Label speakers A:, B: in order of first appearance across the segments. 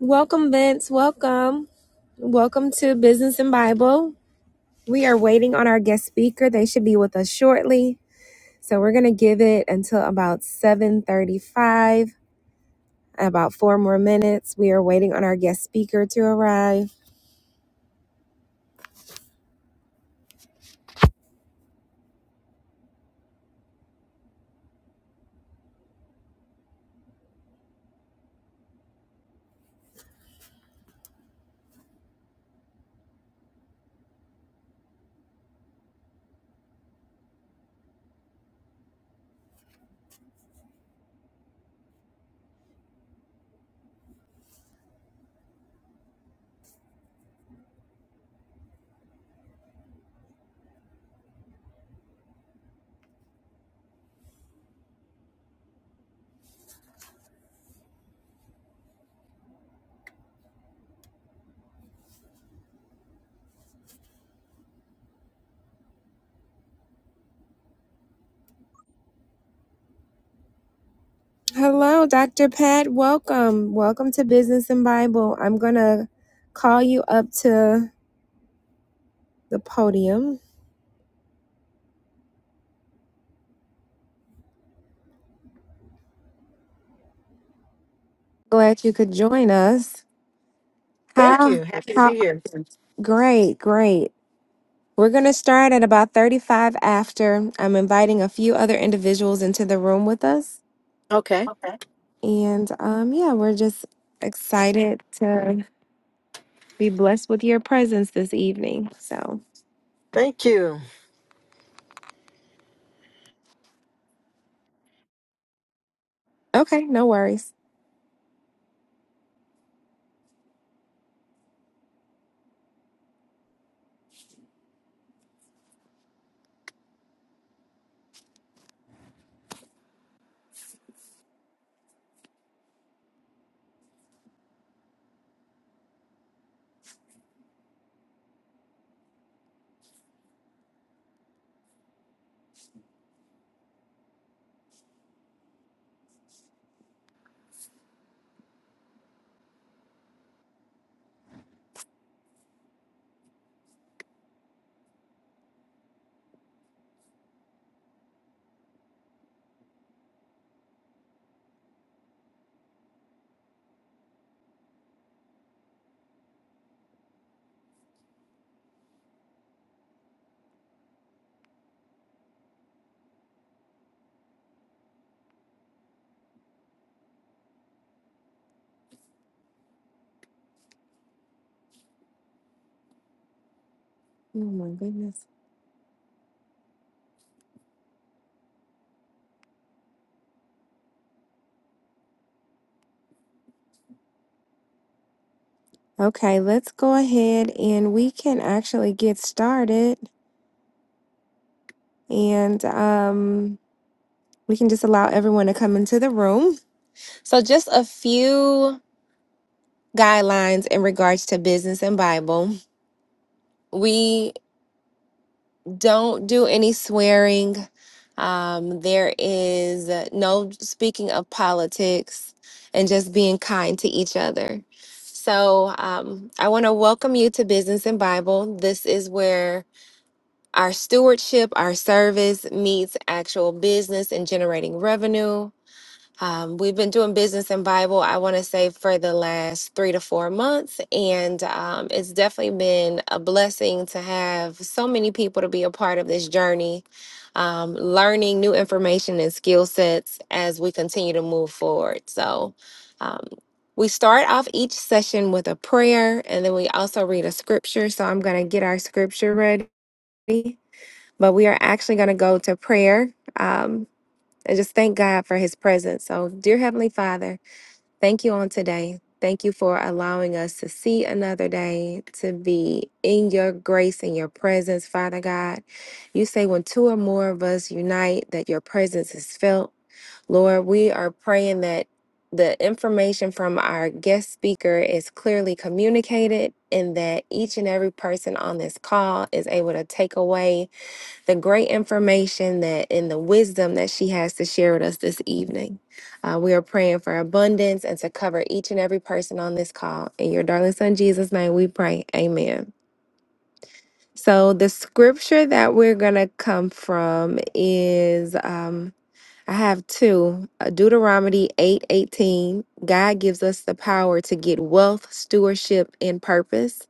A: Welcome, Vince. Welcome. Welcome to Business and Bible. We are waiting on our guest speaker. They should be with us shortly. So we're going to give it until about 7:35, about 4 more minutes. We are waiting on our guest speaker to arrive. Hello, Dr. Pat. Welcome. Welcome to Business and Bible. I'm going to call you up to the podium. Glad you could join us.
B: Thank
A: How
B: you. Happy to
A: how
B: be here.
A: great, great. We're going to start at about 35 after. I'm inviting a few other individuals into the room with us.
B: Okay.
A: Okay. And um, yeah, we're just excited to be blessed with your presence this evening. So,
B: Thank you.
A: okay, no worries. Oh my goodness. Okay, let's go ahead and we can actually get started. And um, we can just allow everyone to come into the room. So, just a few guidelines in regards to business and Bible. We. don't do any swearing. Um, there is uh, no speaking of politics and just being kind to each other. So, um, I want to welcome you to Business and Bible. This is where our stewardship, our service meets actual business and generating revenue. Um, we've been doing business and Bible, I want to say, for the last three to four months. And um, it's definitely been a blessing to have so many people to be a part of this journey, um, learning new information and skill sets as we continue to move forward. So um, we start off each session with a prayer, and then we also read a scripture. So I'm going to get our scripture ready, but we are actually going to go to prayer. Um, I just thank God for his presence. So, dear Heavenly Father, thank you on today. Thank you for allowing us to see another day, to be in your grace and your presence, Father God. You say when two or more of us unite, that your presence is felt. Lord, we are praying that the information from our guest speaker is clearly communicated and that each and every person on this call is able to take away the great information that and the wisdom that she has to share with us this evening. Uh, we are praying for abundance and to cover each and every person on this call. In your darling son Jesus' name, we pray. Amen. So the scripture that we're gonna come from is um, I have two uh, Deuteronomy eight eighteen. God gives us the power to get wealth, stewardship, and purpose.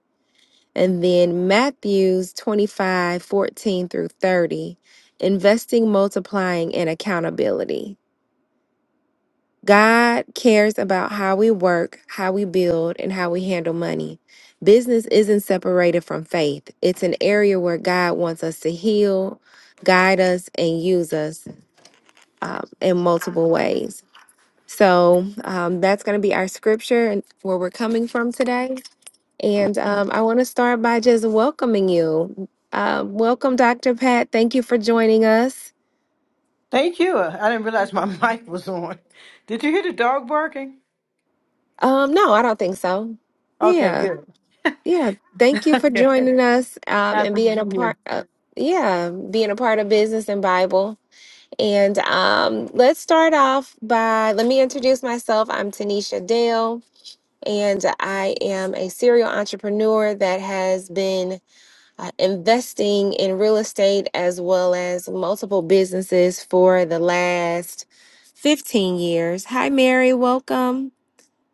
A: And then Matthews 25 14 through 30, investing, multiplying, and accountability. God cares about how we work, how we build, and how we handle money. Business isn't separated from faith, it's an area where God wants us to heal, guide us, and use us um, in multiple ways. So um, that's going to be our scripture and where we're coming from today. And um, I want to start by just welcoming you. Um, welcome, Dr. Pat. Thank you for joining us.
B: Thank you. I didn't realize my mic was on. Did you hear the dog barking?
A: Um, no, I don't think so.
B: Okay,
A: Yeah,
B: good.
A: yeah. Thank you for
B: Yeah.
A: joining us um, and
B: Happy to
A: being a
B: be here.
A: part. Uh, yeah, being a part of business and Bible. And um, let's start off by let me introduce myself. I'm Tanisha Dale, and I am a serial entrepreneur that has been uh, investing in real estate as well as multiple businesses for the last 15 years. Hi, Mary, welcome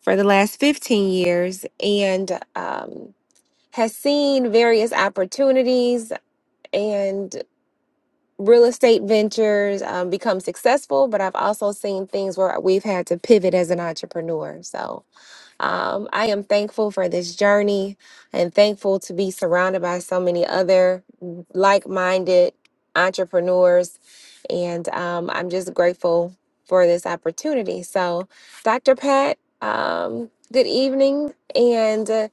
A: for the last 15 years and um, has seen various opportunities and real estate ventures um, become successful, but I've also seen things where we've had to pivot as an entrepreneur. So, um, I am thankful for this journey and thankful to be surrounded by so many other like minded entrepreneurs. And um, I'm just grateful for this opportunity. So, Dr. Pat, um, good evening. And uh,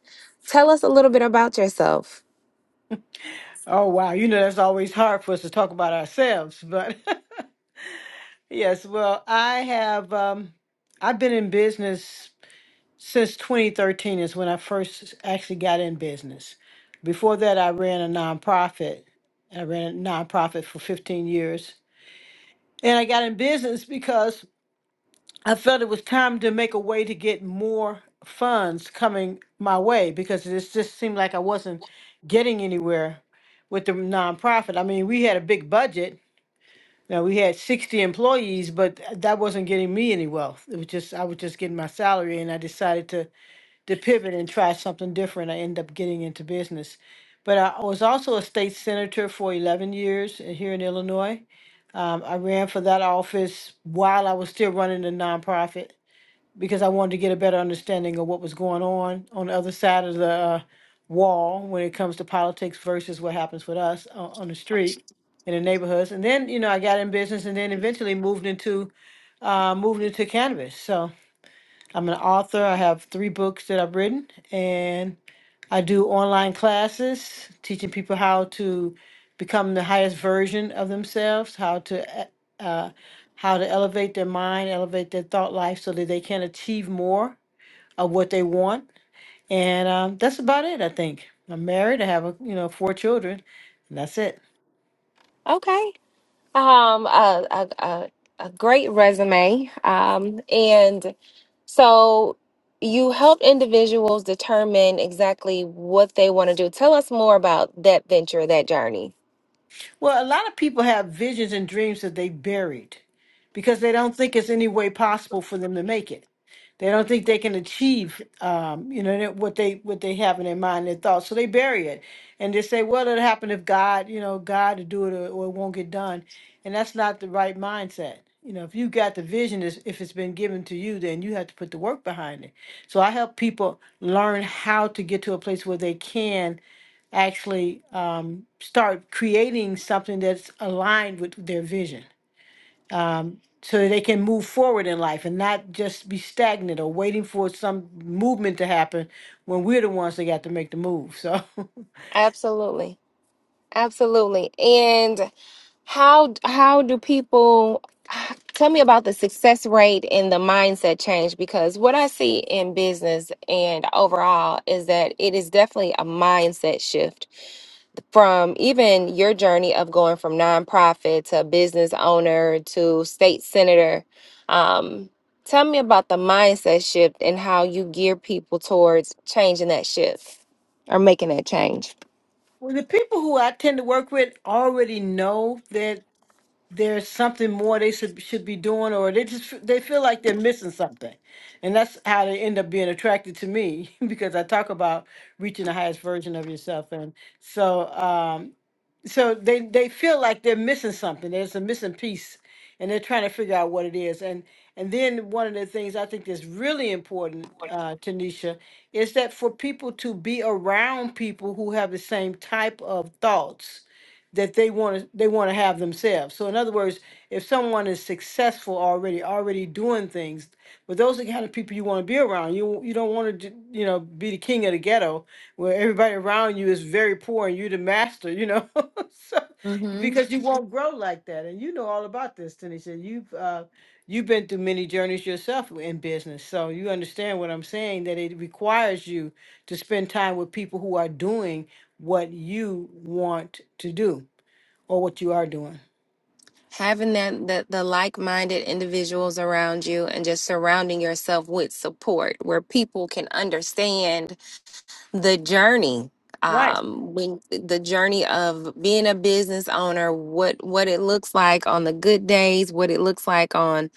A: tell us a little bit about yourself.
B: Oh, wow. You know, that's always hard for us to talk about ourselves. But yes, well, I have, um, I've been in business since 2013 is when I first actually got in business. Before that, I ran a nonprofit. I ran a nonprofit for 15 years. And I got in business because I felt it was time to make a way to get more funds coming my way because it just seemed like I wasn't getting anywhere with the nonprofit. I mean, we had a big budget. Now we had 60 employees, but th- that wasn't getting me any wealth. It was just I was just getting my salary and I decided to to pivot and try something different. I ended up getting into business. But I was also a state senator for 11 years uh, here in Illinois. Um, I ran for that office while I was still running the nonprofit because I wanted to get a better understanding of what was going on on the other side of the uh, wall when it comes to politics versus what happens with us on, on the street in the neighborhoods. And then, you know, I got in business and then eventually moved into uh, moved into cannabis. So I'm an author. I have three books that I've written and I do online classes teaching people how to become the highest version of themselves, how to uh, uh, how to elevate their mind, elevate their thought life so that they can achieve more of what they want, and um, that's about it. I think I'm married. I have a, you know four children, and that's it.
A: Um, a, a, a, a great resume. Um, and so you help individuals determine exactly what they want to do. Tell us more about that venture, that journey.
B: Well, a lot of people have visions and dreams that they buried because they don't think it's any way possible for them to make it. They don't think they can achieve, um, you know, that- what they what they have in their mind, their thoughts. So they bury it, and they say, "Well, it'll happen if God, you know, God to do it, or, or it won't get done." And that's not the right mindset. You know, if you got the vision, is if it's been given to you, then you have to put the work behind it. So I help people learn how to get to a place where they can actually um, start creating something that's aligned with their vision um, so that they can move forward in life and not just be stagnant or waiting for some movement to happen when we're the ones that got to make the move. So,
A: Absolutely. Absolutely. And how how do people tell me about the success rate and the mindset change because what I see in business and overall is that it is definitely a mindset shift from even your journey of going from nonprofit to business owner to state senator. Um, tell me about the mindset shift and how you gear people towards changing that shift or making that change.
B: well, the people who I tend to work with already know that there's something more they should should be doing, or they just f- they feel like they're missing something, and that's how they end up being attracted to me because I talk about reaching the highest version of yourself, and so. Um, so they they feel like they're missing something there's a missing piece and they're trying to figure out what it is and and then one of the things i think that's really important uh tanisha is that for people to be around people who have the same type of thoughts that they want to they want to have themselves so in other words if someone is successful already already doing things but those are the kind of people you want to be around. You you don't want to you know be the king of the ghetto where everybody around you is very poor and you are the master. You know, so
A: hmm
B: because you won't grow like that. And you know all about this, Tanisha. You've uh, you've been through many journeys yourself in business, so you understand what I'm saying. That it requires you to spend time with people who are doing what you want to do or what you are doing.
A: Having that the, the like-minded individuals around you and just surrounding yourself with support where people can understand the journey
B: Right.
A: um when the journey of being a business owner what what it looks like on the good days what it looks like on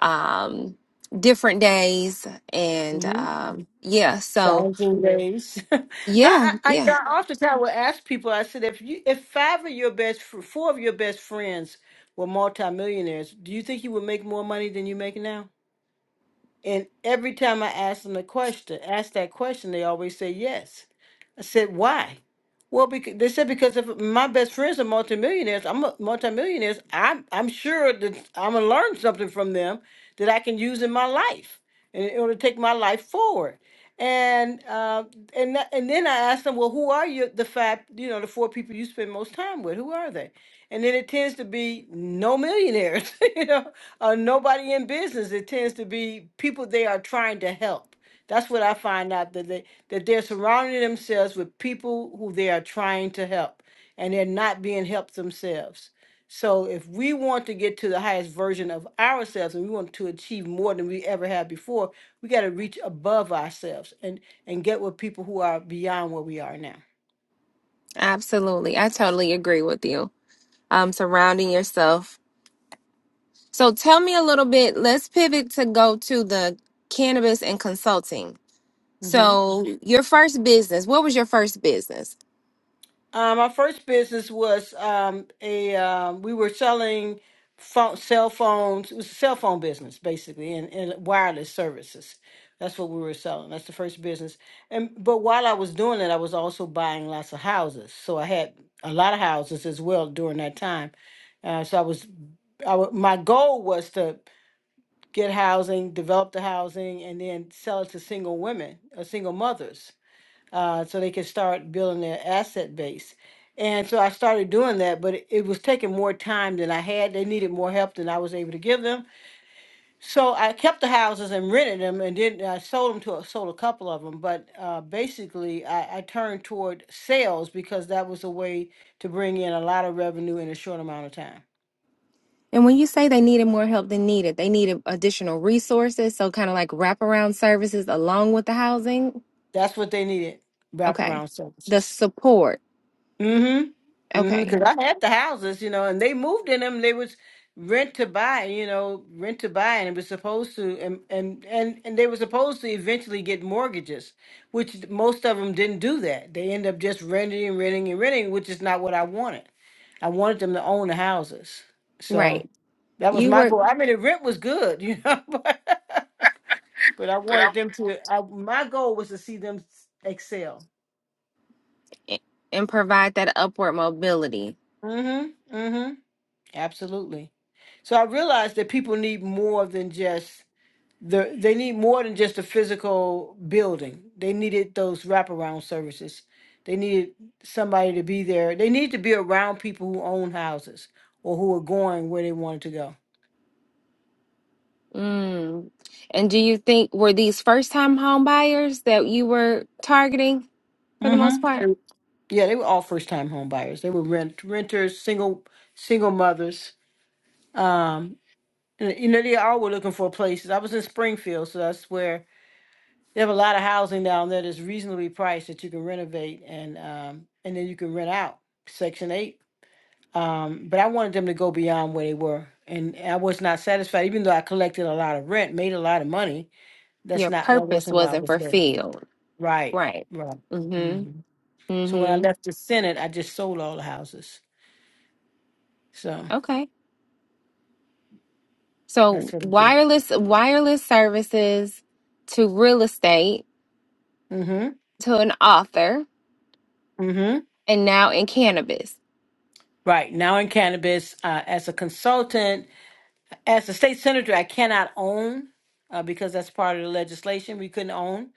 A: um different days and um yeah so
B: challenging days. I,
A: yeah
B: I, I
A: yeah
B: I oftentimes will ask people. I said, if you, if five of your best, fr- four of your best friends were multimillionaires, do you think you would make more money than you make now? And every time I ask them a question, ask that question, they always say yes. I said, why? Well, because they said because if my best friends are multimillionaires, I'm a multimillionaires. I'm I'm sure that I'm gonna learn something from them that I can use in my life in in order to take my life forward. And uh, and that, and then I asked them, well, who are you? The five, you know, the four people you spend most time with, who are they? And then it tends to be no millionaires, you know or nobody in business. It tends to be people they are trying to help. That's what I find out that they that they're surrounding themselves with people who they are trying to help, and they're not being helped themselves. So if we want to get to the highest version of ourselves, and we want to achieve more than we ever had before, we got to reach above ourselves and and get with people who are beyond where we are now.
A: absolutely i totally agree with you um surrounding yourself so tell me a little bit let's pivot to go to the cannabis and consulting
B: Mm-hmm.
A: so your first business what was your first business
B: Um, our first business was um, a um, we were selling phone, cell phones. It was a cell phone business basically, and, and wireless services. That's what we were selling. That's the first business. And but while I was doing it, I was also buying lots of houses. So I had a lot of houses as well during that time. Uh, so I was, I wa- my goal was to get housing, develop the housing, and then sell it to single women, or single mothers uh, so they could start building their asset base. And so I started doing that, but it, it was taking more time than I had. They needed more help than I was able to give them. So I kept the houses and rented them, and then I sold them to a, sold a couple of them. But uh, basically, I, I turned toward sales because that was a way to bring in a lot of revenue in a short amount of time.
A: And when you say they needed more help than needed, they needed additional resources. So, kind of like wraparound services along with the housing.
B: That's what they needed
A: Okay.
B: wraparound
A: The
B: services.
A: support.
B: Mm-hmm. Mm-hmm.
A: Okay.
B: Because I had the houses, you know, and they moved in them. They was rent to buy, you know, rent to buy, and it was supposed to, and and and, and they were supposed to eventually get mortgages, which most of them didn't do that. They end up just renting and renting and renting, which is not what I wanted. I wanted them to own the houses, so
A: Right.
B: that was
A: You
B: my
A: work
B: goal. I mean, the rent was good, you know, but, but I wanted them to. I, my goal was to see them excel.
A: i- and provide that upward mobility.
B: Mm-hmm. Mm-hmm. Absolutely. So I realized that people need more than just the they need more than just the physical building. They needed those wraparound services. They needed somebody to be there. They need to be around people who own houses or who are going where they wanted to go.
A: Mm. And do you think were these first time home buyers that you were targeting for the most part?
B: Mm-hmm. Yeah, they were all first time home buyers. They were rent renters, single single mothers. Um and, you know, they all were looking for places. I was in Springfield, so that's where They have a lot of housing down there that's reasonably priced that you can renovate and um, and then you can rent out Section Eight. Um, but I wanted them to go beyond where they were, and I was not satisfied. Even though I collected a lot of rent, made a lot of money, that's
A: Your
B: not that
A: purpose
B: wasn't why I
A: wasn't
B: was there.
A: fulfilled.
B: Right,
A: Right.
B: right.
A: Mm
B: hmm
A: hmm.
B: So when I
A: Mm
B: left the Senate, I just sold all the houses. So
A: hmm. Okay.
B: that's
A: So
B: what I did.
A: wireless wireless services to real estate
B: hmm
A: to an author
B: hmm
A: and now in cannabis.
B: Right now in cannabis, uh, as a consultant As a state senator, I cannot own uh, because that's part of the legislation. We couldn't own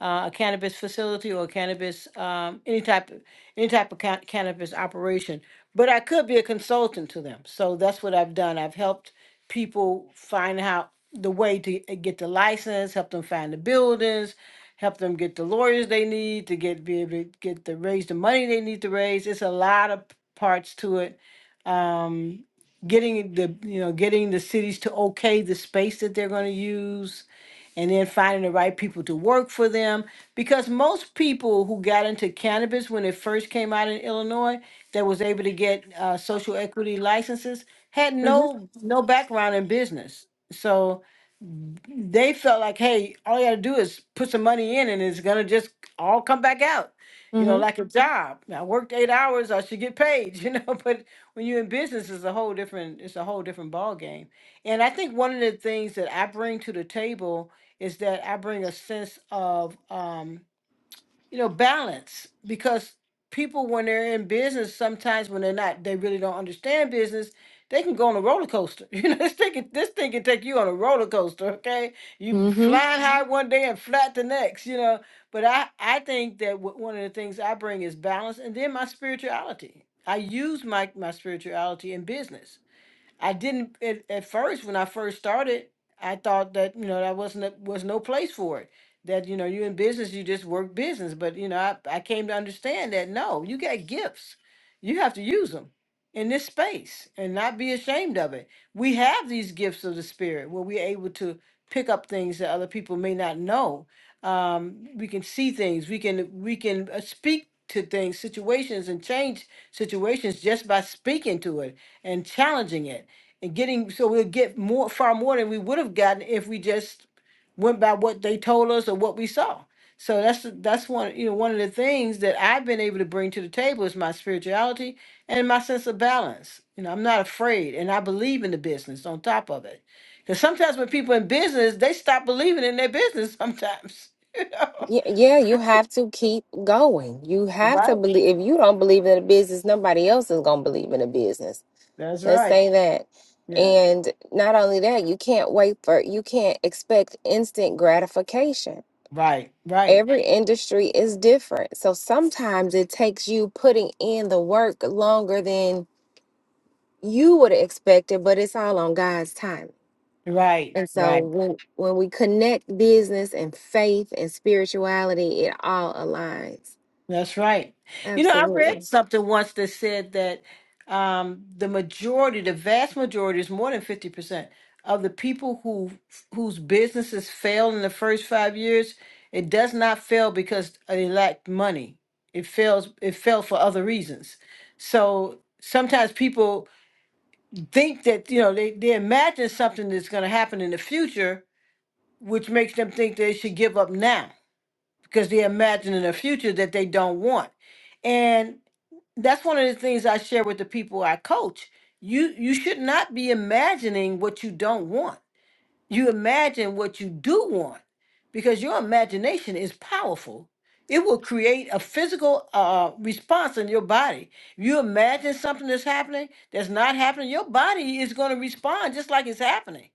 B: uh, a cannabis facility or a cannabis, um, any type, of any type of ca- cannabis operation. But I could be a consultant to them. So that's what I've done. I've helped people find out the way to uh, get the license, help them find the buildings, help them get the lawyers they need to get, be able to get the, raise the money they need to raise. It's a lot of p- parts to it. Um, getting it- the, you know, getting the cities to okay the space that they're gonna use and then finding the right people to work for them. Because most people who got into cannabis when it first came out in Illinois, that was able to get uh, social equity licenses, had
A: hmm
B: no no background in business. So they felt like, hey, all you gotta do is put some money in and it's gonna just all come back out. You know,
A: hmm
B: like a Mhm. job. I worked eight hours, I should get paid, you know, but when you're in business it's a whole different it's a whole different ball game. And I think one of the things that I bring to the table is that I bring a sense of um you know balance because people when they're in business sometimes when they're not they really don't understand business they can go on a roller coaster you know this thing can, this thing can take you on a roller coaster okay you
A: hmm
B: flying high one day and flat the next you know but i i think that w- one of the things i bring is balance and then my spirituality i use my my spirituality in business I didn't at, at first when I first started. I thought that you know that wasn't a, was no place for it. That you know you are in business, you just work business. But you know I, I came to understand that no, you got gifts, you have to use them in this space and not be ashamed of it. We have these gifts of the spirit where we're able to pick up things that other people may not know. Um, we can see things. We can we can uh, speak to things, situations, and change situations just by speaking to it and challenging it and getting so we'll get more far more than we would have gotten if we just went by what they told us or what we saw so that's that's one you know one of the things that i've been able to bring to the table is my spirituality and my sense of balance you know i'm not afraid and i believe in the business on top of it because sometimes when people in business they stop believing in their business sometimes you know?
A: Yeah, yeah, you have to keep going. You have to
B: right
A: believe. If you don't believe in a business, nobody else is gonna believe in a business.
B: that's
A: Let's
B: right
A: say that.
B: yeah
A: And not only that, you can't wait for. You can't expect instant gratification.
B: Right. right
A: Every industry is different, so sometimes it takes you putting in the work longer than you would have expected, but it's all on God's time.
B: right
A: And
B: right
A: so when when we connect business and faith and spirituality, it all aligns.
B: That's right. You know, I read
A: Absolutely.
B: something once that said that um, the majority, the vast majority, is more than fifty percent of the people who whose businesses fail in the first five years. It does not fail because they lack money. It fails. It fell for other reasons. So sometimes people think that you know they they imagine something that's going to happen in the future, which makes them think they should give up now because they imagine in the future that they don't want. And that's one of the things I share with the people I coach. You you should not be imagining what you don't want you imagine what you do want because your imagination is powerful. It will create a physical uh, uh, response in your body. You imagine something that's happening that's not happening, your body is going to respond just like it's happening.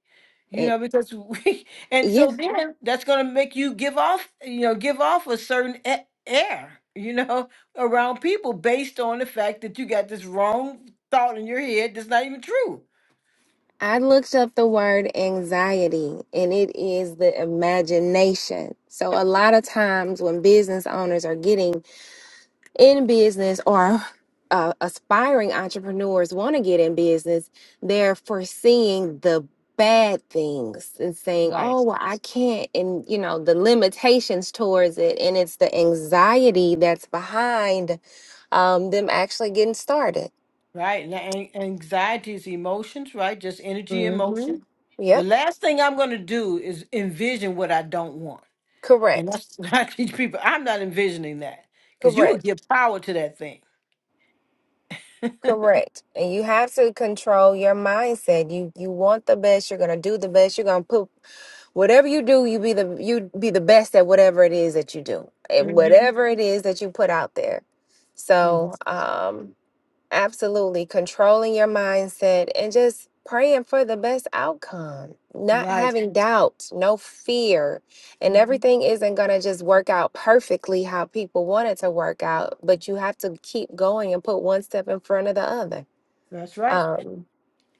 B: You
A: It
B: know, because we, and
A: yeah.
B: so then that's going to make you give off, you know, give off a certain a- air, you know, around people based on the fact that you got this wrong thought in your head that's not even true.
A: I looked up the word anxiety and it is the imagination. So a lot of times when business owners are getting in business or uh, aspiring entrepreneurs want to get in business, they're foreseeing the bad things and saying,
B: Right,
A: oh, well, I can't, and you know, the limitations towards it. And it's the anxiety that's behind um, them actually getting started.
B: right. And an- anxiety is emotions, right? Just energy,
A: hmm
B: emotion. The
A: Yep.
B: last thing I'm going to do is envision what I don't want. And
A: Correct.
B: that's what I teach people. I'm not envisioning that because you will
A: Correct.
B: give power to that thing.
A: Correct. And you have to control your mindset. You you want the best, you're gonna do the best, you're gonna put whatever you do you be the you be the best at whatever it is that you do at
B: hmm
A: whatever it is that you put out there
B: hmm
A: so um absolutely controlling your mindset and just praying for the best outcome not
B: Right.
A: having doubts no fear and
B: hmm
A: everything isn't going to just work out perfectly how people want it to work out but you have to keep going and put one step in front of the other
B: That's right.
A: um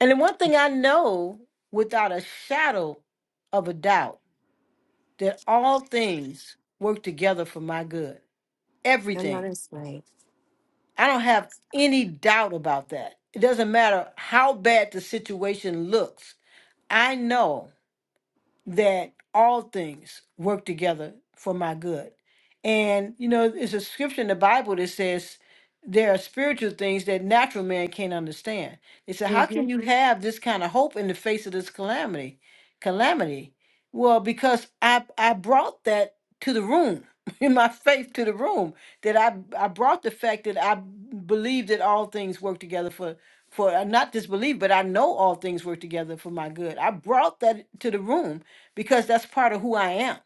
B: And the one thing I know without a shadow of a doubt that all things work together for my good.
A: i know
B: Everything
A: that's right
B: I don't have any doubt about that. It doesn't matter how bad the situation looks. I know that all things work together for my good. And you know, it's a scripture in the Bible that says there are spiritual things that natural man can't understand. They said, How can you have this kind of hope in the face of this calamity? Calamity. Well, because I I brought that to the room, in my faith to the room, that I I brought the fact that I believe that all things work together for for uh, not disbelief, but I know all things work together for my good. I brought that to the room because that's part of who I am.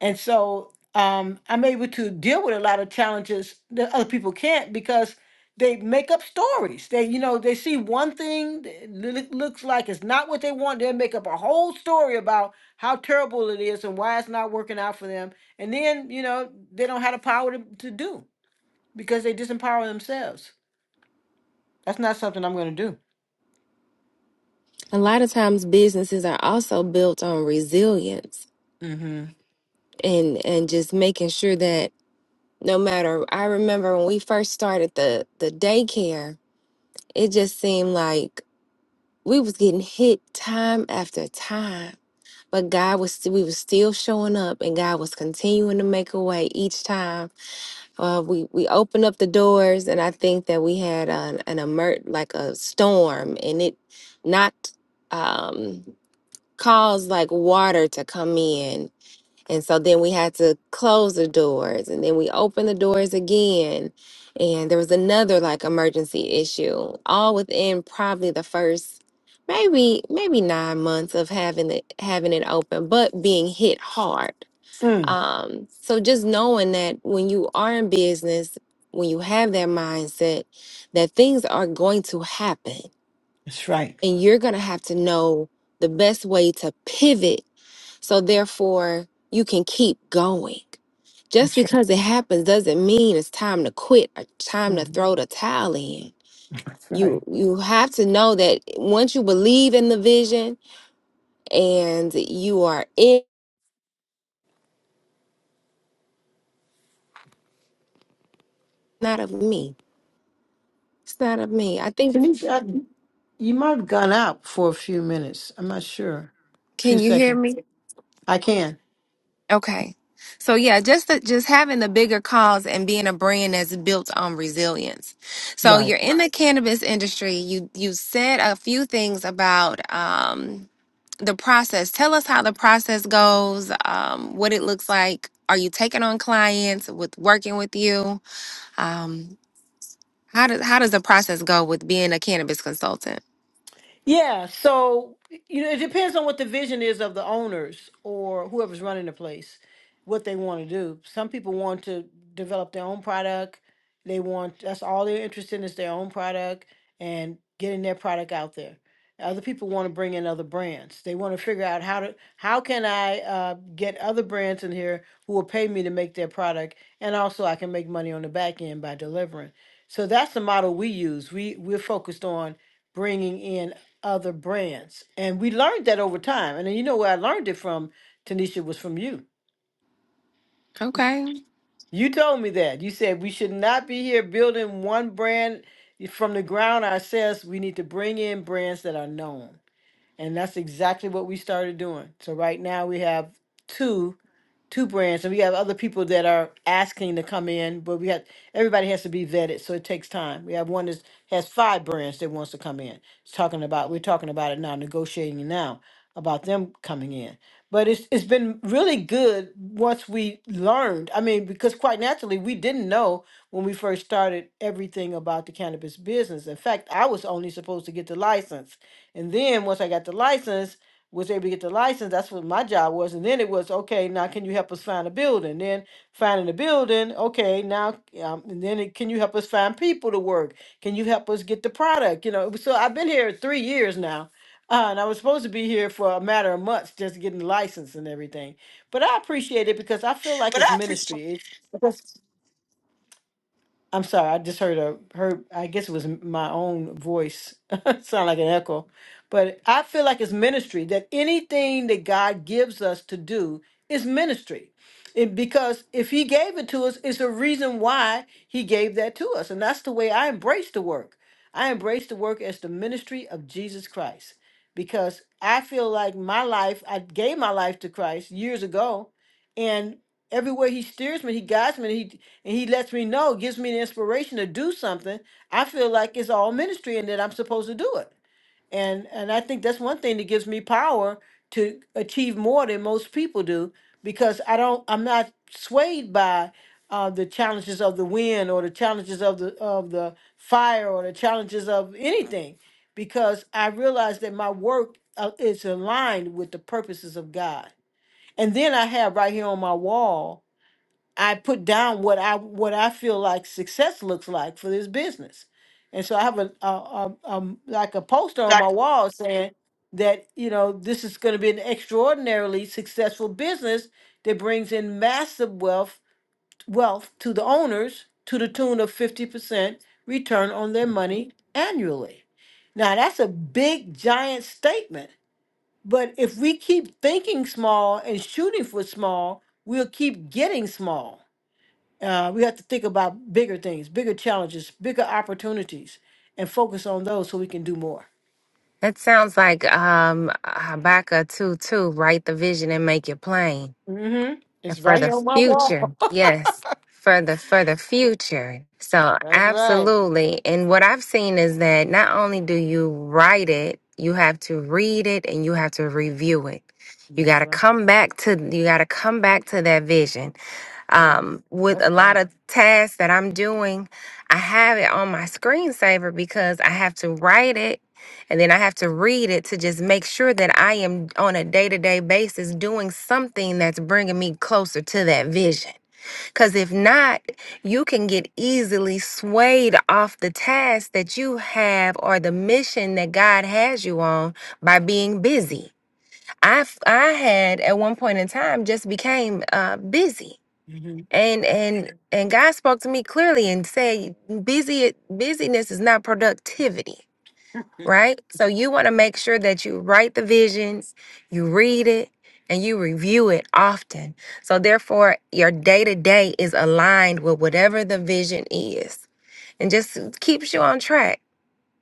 B: And so um, I'm able to deal with a lot of challenges that other people can't because they make up stories. They, you know, they see one thing that loo- looks like it's not what they want. They make up a whole story about how terrible it is and why it's not working out for them. And then, you know, they don't have the power to, to do because they disempower themselves. That's not something I'm going to do.
A: A lot of times businesses are also built on resilience
B: Mm-hmm.
A: and and just making sure that no matter I remember when we first started the the daycare, it just seemed like we was getting hit time after time. But God was we was still showing up and God was continuing to make a way each time. Uh, we we opened up the doors and I think that we had an an emer- like a storm and it knocked um caused like water to come in. And so then we had to close the doors and then we opened the doors again. And there was another like emergency issue, all within probably the first maybe maybe nine months of having it having it open, but being hit hard.
B: Mm,
A: Um, so just knowing that when you are in business, when you have that mindset, that things are going to happen
B: that's right.
A: and you're gonna have to know the best way to pivot so therefore, you can keep going. Just
B: That's right.
A: because it happens doesn't mean it's time to quit or time to
B: Mhm.
A: throw the towel in.
B: That's right.
A: You you have to know that once you believe in the vision and you are in not of me. It's not of me. I think
B: Denise, I, you might have gone out for a few minutes. I'm not sure. A few
A: can you hear
B: seconds.
A: me?
B: I can.
A: Okay. So yeah, just the, just having the bigger cause and being a brand that's built on resilience. So
B: Right.
A: you're in the cannabis industry. You you said a few things about um, the process. Tell us how the process goes, um, what it looks like. Are you taking on clients with working with you? Um, how does how does the process go with being a cannabis consultant?
B: Yeah, so you know, it depends on what the vision is of the owners or whoever's running the place, what they want to do. Some people want to develop their own product. They want that's all they're interested in is their own product and getting their product out there. Other people want to bring in other brands. They want to figure out how to how can I uh, get other brands in here who will pay me to make their product, and also I can make money on the back end by delivering. So that's the model we use. We we're focused on bringing in other brands. And we learned that over time. And then you know where I learned it from, Tanisha, was from you.
A: Okay.
B: You told me that. You said we should not be here building one brand from the ground ourselves. We need to bring in brands that are known. And that's exactly what we started doing. So right now we have two two brands and we have other people that are asking to come in, but we have everybody has to be vetted, so it takes time. We have one that has five brands that wants to come in. It's talking about we're talking about it now, negotiating now about them coming in. But it's it's been really good once we learned. I mean, because quite naturally we didn't know when we first started everything about the cannabis business. In fact, I was only supposed to get the license. And then once I got the license, was able to get the license, that's what my job was. And then it was, okay, now can you help us find a building? Then finding a building, okay, now, um, and then it, can you help us find people to work? Can you help us get the product? You know, it was- so I've been here three years now. Uh, and I was supposed to be here for a matter of months just getting the license and everything. But I appreciate it because I feel like
A: But
B: it's
A: I appreciate
B: ministry. It's, Yes. I'm sorry, I just heard a heard. I guess it was m- my own voice sound like an echo, but I feel like it's ministry. That anything that God gives us to do is ministry, it, because if He gave it to us, it's a reason why He gave that to us, and that's the way I embrace the work. I embrace the work as the ministry of Jesus Christ, because I feel like my life. I gave my life to Christ years ago, and everywhere He steers me, He guides me and he lets me know, gives me the inspiration to do something, I feel like it's all ministry and that I'm supposed to do it. And and I think that's one thing that gives me power to achieve more than most people do because I don't I'm not swayed by uh, the challenges of the wind or the challenges of the of the fire or the challenges of anything because I realize that my work uh, is aligned with the purposes of God. And then I have right here on my wall I put down what I what I feel like success looks like for this business, and so I have a, a, a, um like a poster on my
A: like
B: wall saying that you know this is going to be an extraordinarily successful business that brings in massive wealth wealth to the owners to the tune of fifty percent return on their money annually. Now that's a big giant statement, but if we keep thinking small and shooting for small, we'll keep getting small uh, we have to think about bigger things, bigger challenges, bigger opportunities, and focus on those so we can do more.
A: That sounds like um Habakkuk 2 2, write the vision and make it plain.
B: hmm
A: and
B: It's
A: for
B: right
A: the
B: here on my wall.
A: future. Yes, for the for the future. So
B: That's right.
A: absolutely. And what I've seen is that not only do you write it, you have to read it and you have to review it. You got
B: That's
A: to
B: right.
A: come back to you got to come back to that vision
B: right.
A: um, with a
B: That's
A: lot
B: right.
A: of tasks that I'm doing, I have it on my screensaver because I have to write it and then I have to read it to just make sure that I am on a day to day basis doing something that's bringing me closer to that vision. Because if not, you can get easily swayed off the task that you have or the mission that God has you on by being busy. I, f- I had at one point in time just became uh, busy and and and God spoke to me clearly and said busy busyness is not productivity right so you want to make sure that you write the visions you read it and you review it often so therefore your day to day is aligned with whatever the vision is and just keeps you on track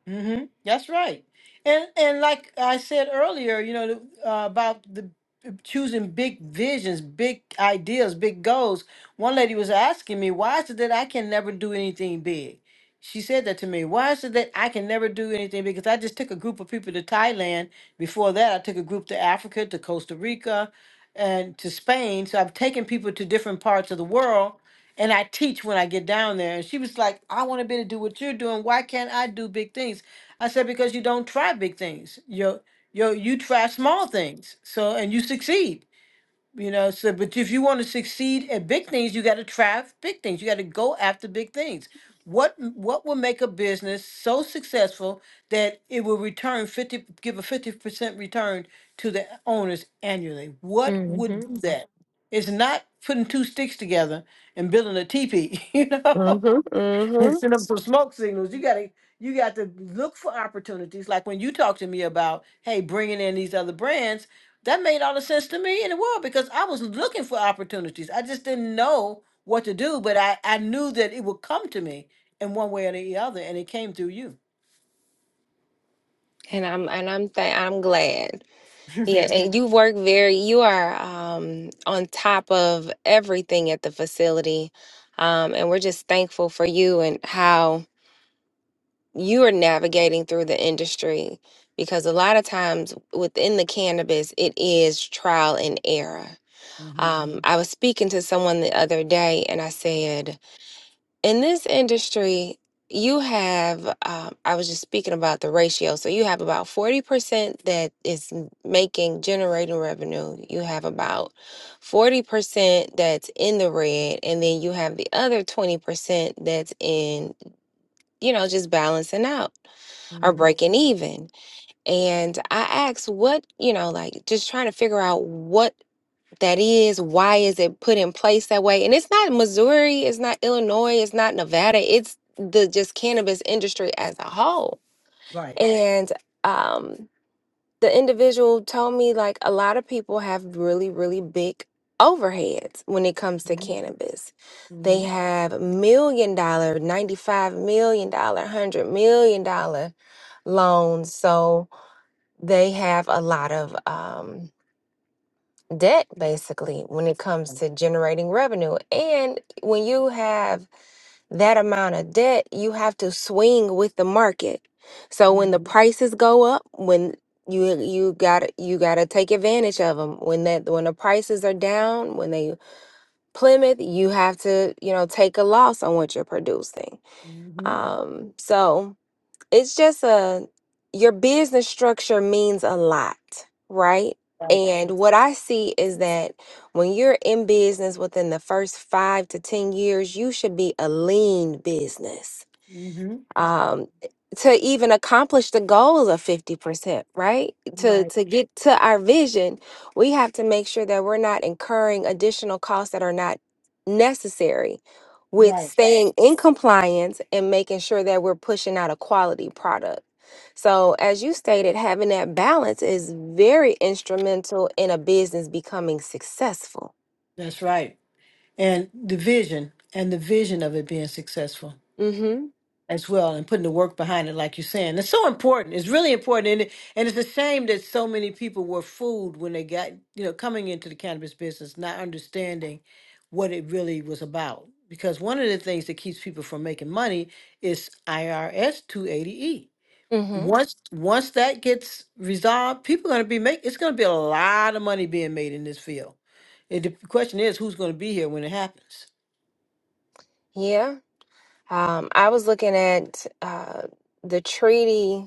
B: Mm-hmm. That's right. And and like I said earlier, you know, the- uh, about the uh, choosing big visions, big ideas, big goals. One lady was asking me, "Why is it that I can never do anything big?" She said that to me. Why is it that I can never do anything? big?" Because I just took a group of people to Thailand. Before that, I took a group to Africa, to Costa Rica, and to Spain. So I've taken people to different parts of the world and I teach when I get down there. And she was like, I want to be able to do what you're doing. Why can't I do big things? I said, because you don't try big things. You you you try small things. So and you succeed. You know, so but if you want to succeed at big things, you got to try big things. You got to go after big things. What m- what will make a business so successful that it will return 50 give a 50% return to the owners annually? What
A: Mm
B: would
A: mhm
B: do Mhm. that? It's not putting two sticks together and building a teepee, you know.
A: Mm mhm Mm
B: and
A: mhm
B: send them some smoke signals. You gotta you got to look for opportunities. Like when you talk to me about, hey, bringing in these other brands, that made all the sense to me in the world because I was looking for opportunities. I just didn't know what to do, but I I knew that it would come to me in one way or the other, and it came through you.
A: and i'm and i'm th- i'm glad Yeah, and you work very, you are um, on top of everything at the facility. Um, and we're just thankful for you and how you are navigating through the industry because a lot of times within the cannabis, it is trial and error.
B: mm-hmm,
A: Um, Mhm. I was speaking to someone the other day and I said, in this industry, you have, um, I was just speaking about the ratio. So you have about 40% that is m- making, generating revenue. You have about 40% that's in the red. And then you have the other 20% that's in, you know, just balancing out or
B: hmm
A: breaking even. And I asked what, you know, like just trying to figure out what that is why is it put in place that way and it's not missouri it's not illinois it's not nevada it's the just cannabis industry as a whole and um the individual told me like a lot of people have really really big overheads when it comes to
B: hmm
A: cannabis they
B: hmm
A: have million dollar 95 million dollar 100 million dollar loans so they have a lot of um debt basically when it comes to generating revenue. And when you have that amount of debt, you have to swing with the market. So when
B: hmm
A: the prices go up, when you you got to you got to take advantage of them. When that when the prices are down, when they plummet, you have to, you know, take a loss on what you're producing.
B: hmm
A: Um so it's just a your business structure means a lot, right?
B: Right.
A: And what I see is that when you're in business within the first five to 10 years, you should be a lean business
B: hmm
A: um, to even accomplish the goal of 50%, right? To
B: Right.
A: to get to our vision, we have to make sure that we're not incurring additional costs that are not necessary with
B: Right.
A: staying in compliance and making sure that we're pushing out a quality product. So, as you stated, having that balance is very instrumental in a business becoming successful.
B: That's right. And the vision and the vision of it being successful.
A: Mhm.
B: as well and putting the work behind it like you're saying it's so important it's really important and, it- and it's a shame that so many people were fooled when they got you know coming into the cannabis business not understanding what it really was about because one of the things that keeps people from making money is irs 280e
A: Mhm.
B: once once that gets resolved people are going to be make it's going to be a lot of money being made in this field it, the question is who's going to be here when it happens
A: Yeah. Um I was looking at uh the treaty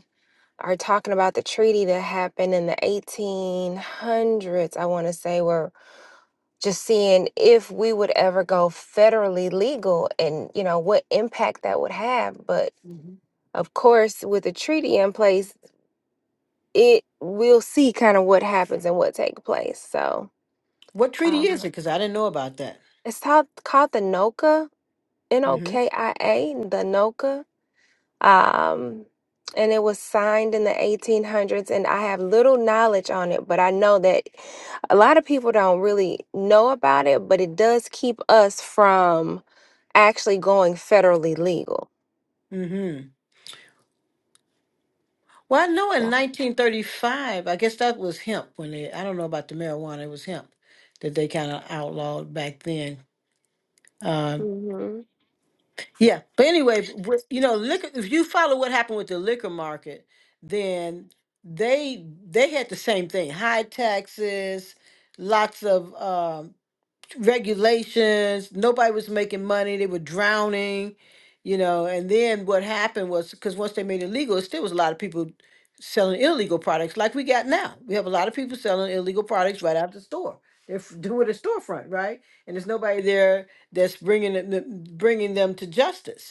A: are talking about the treaty that happened in the 1800s, I want to say, were just seeing if we would ever go federally legal and, you know, what impact that would have. But
B: Mhm.
A: of course, with the treaty in place, it we'll see kind of what happens and what take place. So
B: what treaty is
A: um,
B: it because i didn't know about that
A: it's called, called the NOCA, N O
B: Mm-hmm.
A: K I A, the NOCA. Um, and it was signed in the 1800s, and I have little knowledge on it, but I know that a lot of people don't really know about it, but it does keep us from actually going federally legal.
B: hmm Well, I know in 1935, I guess that was hemp when they, I don't know about the marijuana, it was hemp that they kind of outlawed back then. Um,
A: Mm-hmm.
B: yeah, but anyway, b- with- you know, liquor, if you follow what happened with the liquor market, then they they had the same thing, high taxes, lots of um regulations. Nobody was making money. They were drowning, you know. And then what happened was because once they made it legal, it still was a lot of people selling illegal products like we got now. We have a lot of people selling illegal products right out the store. They're f- doing a storefront, right? And there's nobody there that's bringing it, bringing them to justice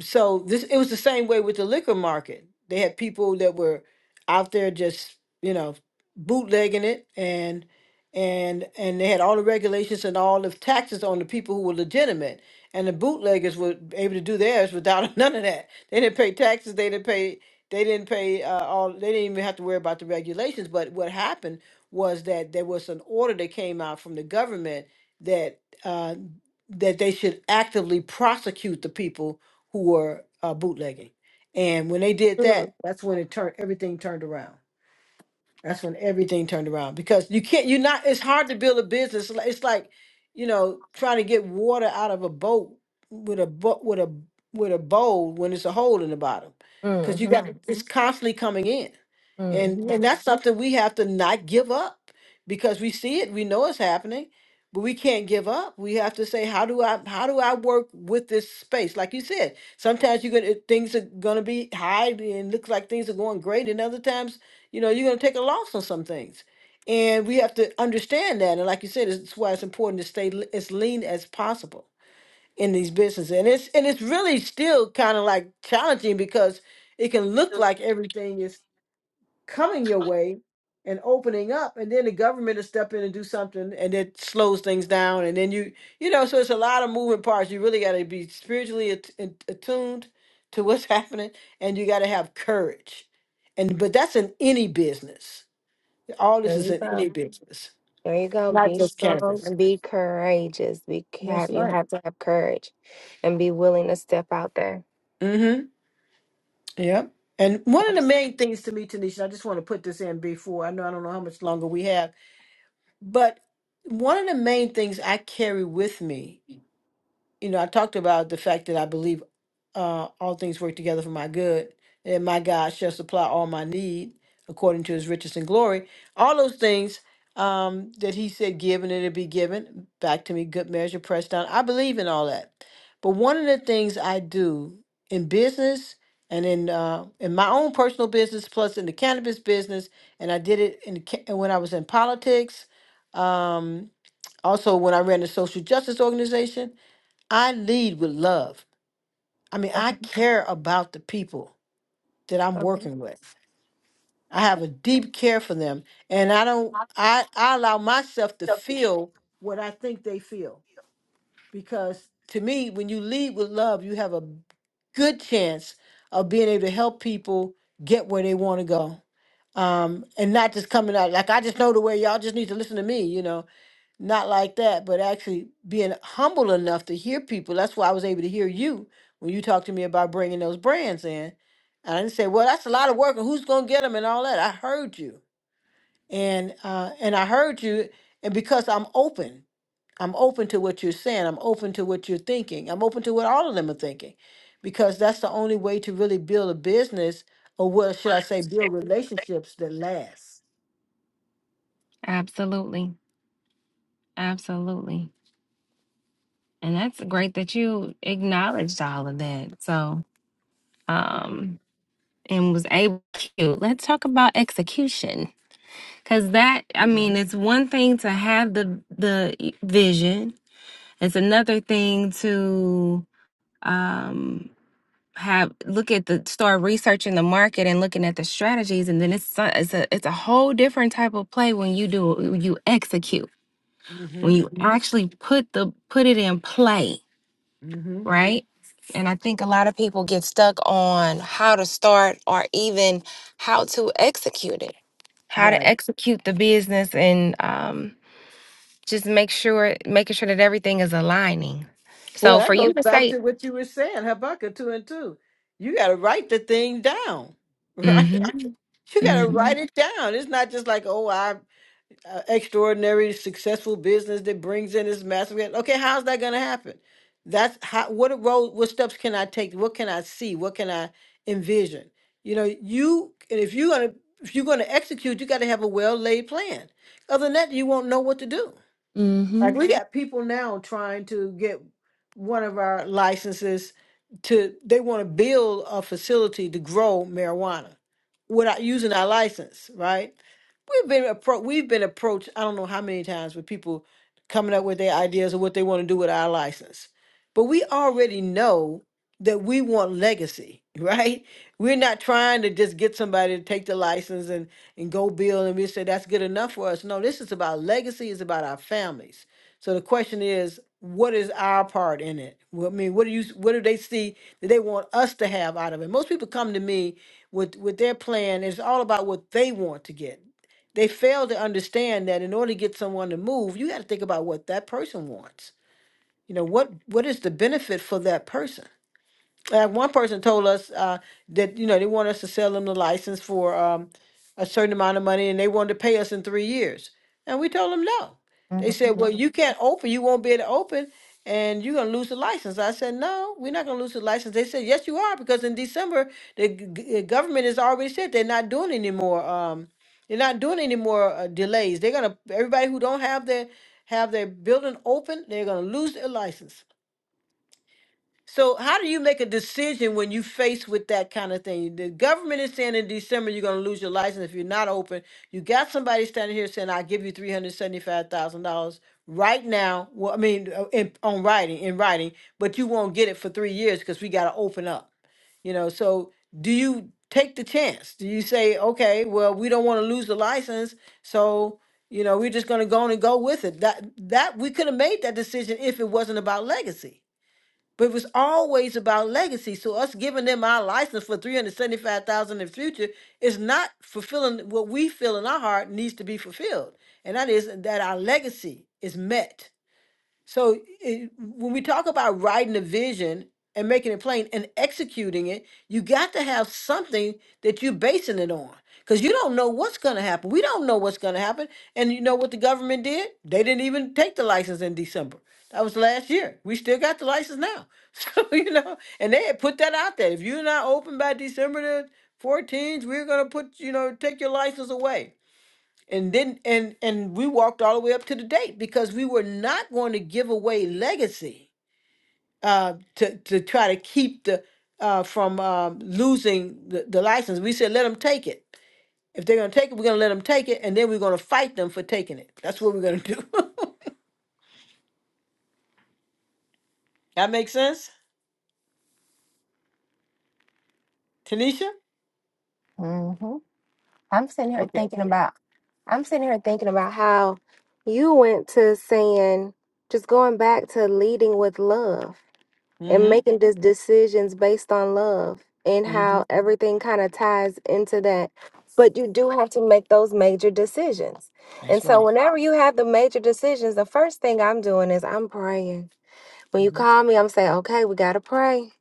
B: so this it was the same way with the liquor market. They had people that were out there just you know bootlegging it and and and they had all the regulations and all the taxes on the people who were legitimate and the bootleggers were able to do theirs without none of that they didn't pay taxes they didn't pay they didn't pay uh, all they didn't even have to worry about the regulations but what happened was that there was an order that came out from the government that uh, that they should actively prosecute the people who were uh, bootlegging. And when they did
A: Mm.
B: that, that's when it turned everything turned around. That's when everything turned around because you can't, you're not, it's hard to build a business. Li- It's like, you know, trying to get water out of a boat with a boat, with a, with a bowl when it's a hole in the bottom. Cause you
A: Mm-hmm.
B: got, Right. to it's Mhm. constantly coming in. And,
A: Mm-hmm.
B: Right. and that's Mhm. something we have to not give up because we see it, we know it's happening, but we can't give up. We have to say, how do I, how do I work with this space? Like you said, sometimes you're going to, things are going to be high and looks like things are going great. And other times you know, you're going to take a loss on some things. And we have to understand that. And like you said, it's why it's important to stay l- as lean as possible in these businesses. And it's and it's really still kind of like challenging because it can look like everything is coming your way and opening up and then the government will step in and do something and it slows things down and then you you know so it's a lot of moving parts you really got to be spiritually at- at- attuned to what's happening and you got to have courage and but that's in any business all this
A: There
B: is
A: you
B: in
A: go.
B: any business,
A: There you go.
B: not
A: Be
B: just
A: strong
B: cannabis.
A: and be courageous. Be
B: That's
A: have you
B: right.
A: have to have courage and be willing to step out there.
B: Mm-hmm. Yep. And one of the
A: Abs-
B: main things to me, Tanisha, I just want to put this in before I know I don't know how much longer we have, but one of the main things I carry with me you know, I talked about the fact that I believe uh, all things work together for my good, and my God shall supply all my need according to his riches and glory. All those things um, that he said, give and it'll be given back to me, good measure, pressed down. I believe in all that. But one of the things I do in business and in uh, in my own personal business, plus in the cannabis business, and I did it in the, ca- when I was in politics. Um, also, when I ran a social justice organization, I lead with love. I mean, I
A: Okay.
B: care about the people that I'm working with. I have a deep care for them, and I don't. I I allow myself to
A: Okay.
B: feel what I think they feel because to me, when you lead with love, you have a good chance of being able to help people get where they want to go, um, and not just coming out like I just know the way. Y'all just need to listen to me, you know not like that, but actually being humble enough to hear people. That's why I was able to hear you when you talked to me about bringing those brands in. And I didn't say, well, that's a lot of work, and who's going to get them and all that. I heard you, and uh, and I heard you, and because I'm open, I'm open to what you're saying. I'm open to what you're thinking. I'm open to what all of them are thinking, because that's the only way to really build a business, or what should I say, build relationships that last.
A: Absolutely. Absolutely. And that's great that you acknowledged all of that. So, um, and was able to. Let's talk about execution. Cause that, I
B: Mm-hmm.
A: mean, it's one thing to have the, the e, vision. It's another thing to, um, have look at the start researching the market and looking at the strategies and then it's so- it's a it's a whole different type of play when you do when you execute
B: Mm-hmm.
A: when you Mhm. actually put the put it in play
B: Mm-hmm.
A: right? And I think a lot of people get stuck on how to start or even how to execute it, how to
B: Right.
A: execute the business and um, just make sure, making sure that everything is aligning.
B: Well,
A: So
B: that
A: for you
B: goes
A: to
B: back
A: say,
B: to what you were saying, Habakkuk 2 and 2. You got to write the thing down, right?
A: mm-hmm,
B: You got to
A: mm-hmm,
B: write it down. It's not just like, oh, I uh, extraordinary successful business that brings in this massive. Okay, how's that going to happen? That's how. What road? What steps can I take? What can I see? What can I envision? You know, you and if you're gonna if you're gonna execute, you got to have a well laid plan. Other than that, you won't know what to do.
A: mm-hmm. mm-hmm,
B: Like we got people now trying to get one of our licenses to they want to build a facility to grow marijuana without using our license, right? We've been appro- we've been approached I don't know how many times with people coming up with their ideas of what they want to do with our license. But we already know that we want legacy, right? We're not trying to just get somebody to take the license and and go build and we say that's good enough for us. No, this is about legacy, it's about our families so the question is, what is our part in it? Well, I mean, what do you, what do they see that they want us to have out of it? Most people come to me with with their plan. It's all about what they want to get. They fail to understand that in order to get someone to move, you got to think about what that person wants. You know, what what is the benefit for that person? Uh, one person told us uh, that you know they want us to sell them the license for um, a certain amount of money, and they wanted to pay us in three years. And we told them no. They said, "Well, you can't open. You won't be able to open, and you're gonna lose the license." I said, "No, we're not gonna lose the license." They said, "Yes, you are, because in December the g- g- government has already said they're not doing any more. Um, they're not doing any more uh, delays. They're gonna everybody who don't have their have their building open, they're gonna lose their license." So how do you make a decision when you faced with that kind of thing? The government is saying in December you're going to lose your license if you're not open. You got somebody standing here saying I'll give you three hundred seventy-five thousand dollars right now. Well, I mean, uh, in, on writing in writing, but you won't get it for three years because we got to open up. You know, so do you take the chance? Do you say, okay, well, we don't want to lose the license, so you know we're just going to go on and go with it? That that we could have made that decision if it wasn't about legacy but it was always about legacy. So us giving them our license for 375,000 in the future is not fulfilling what we feel in our heart needs to be fulfilled. And that is that our legacy is met so it, when we talk about writing a vision and making it plain and executing it, you got to have something that you're basing it on. Because you don't know what's going to happen. We don't know what's going to happen. And you know what the government did? They didn't even take the license in December. That was last year. We still got the license now. So, you know, and they had put that out there. If you're not open by December the 14th, we're going to put, you know, take your license away and then and and we walked all the way up to the date because we were not going to give away legacy uh to to try to keep the uh from um losing the, the license we said let them take it if they're going to take it we're going to let them take it and then we're going to fight them for taking it that's what we're going to do that makes sense tanisha
A: Mm-hmm. I'm sitting here
B: okay
A: thinking about I'm sitting here thinking about how you went to saying just going back to leading with love and
B: mm-hmm
A: making these decisions based on love and
B: mm-hmm
A: how everything kind of ties into that. But you do have to make those major decisions.
B: that's
A: And
B: right
A: so whenever you have the major decisions, the first thing I'm doing is I'm praying. When you
B: mm-hmm,
A: call me, I'm saying, okay, we gotta pray.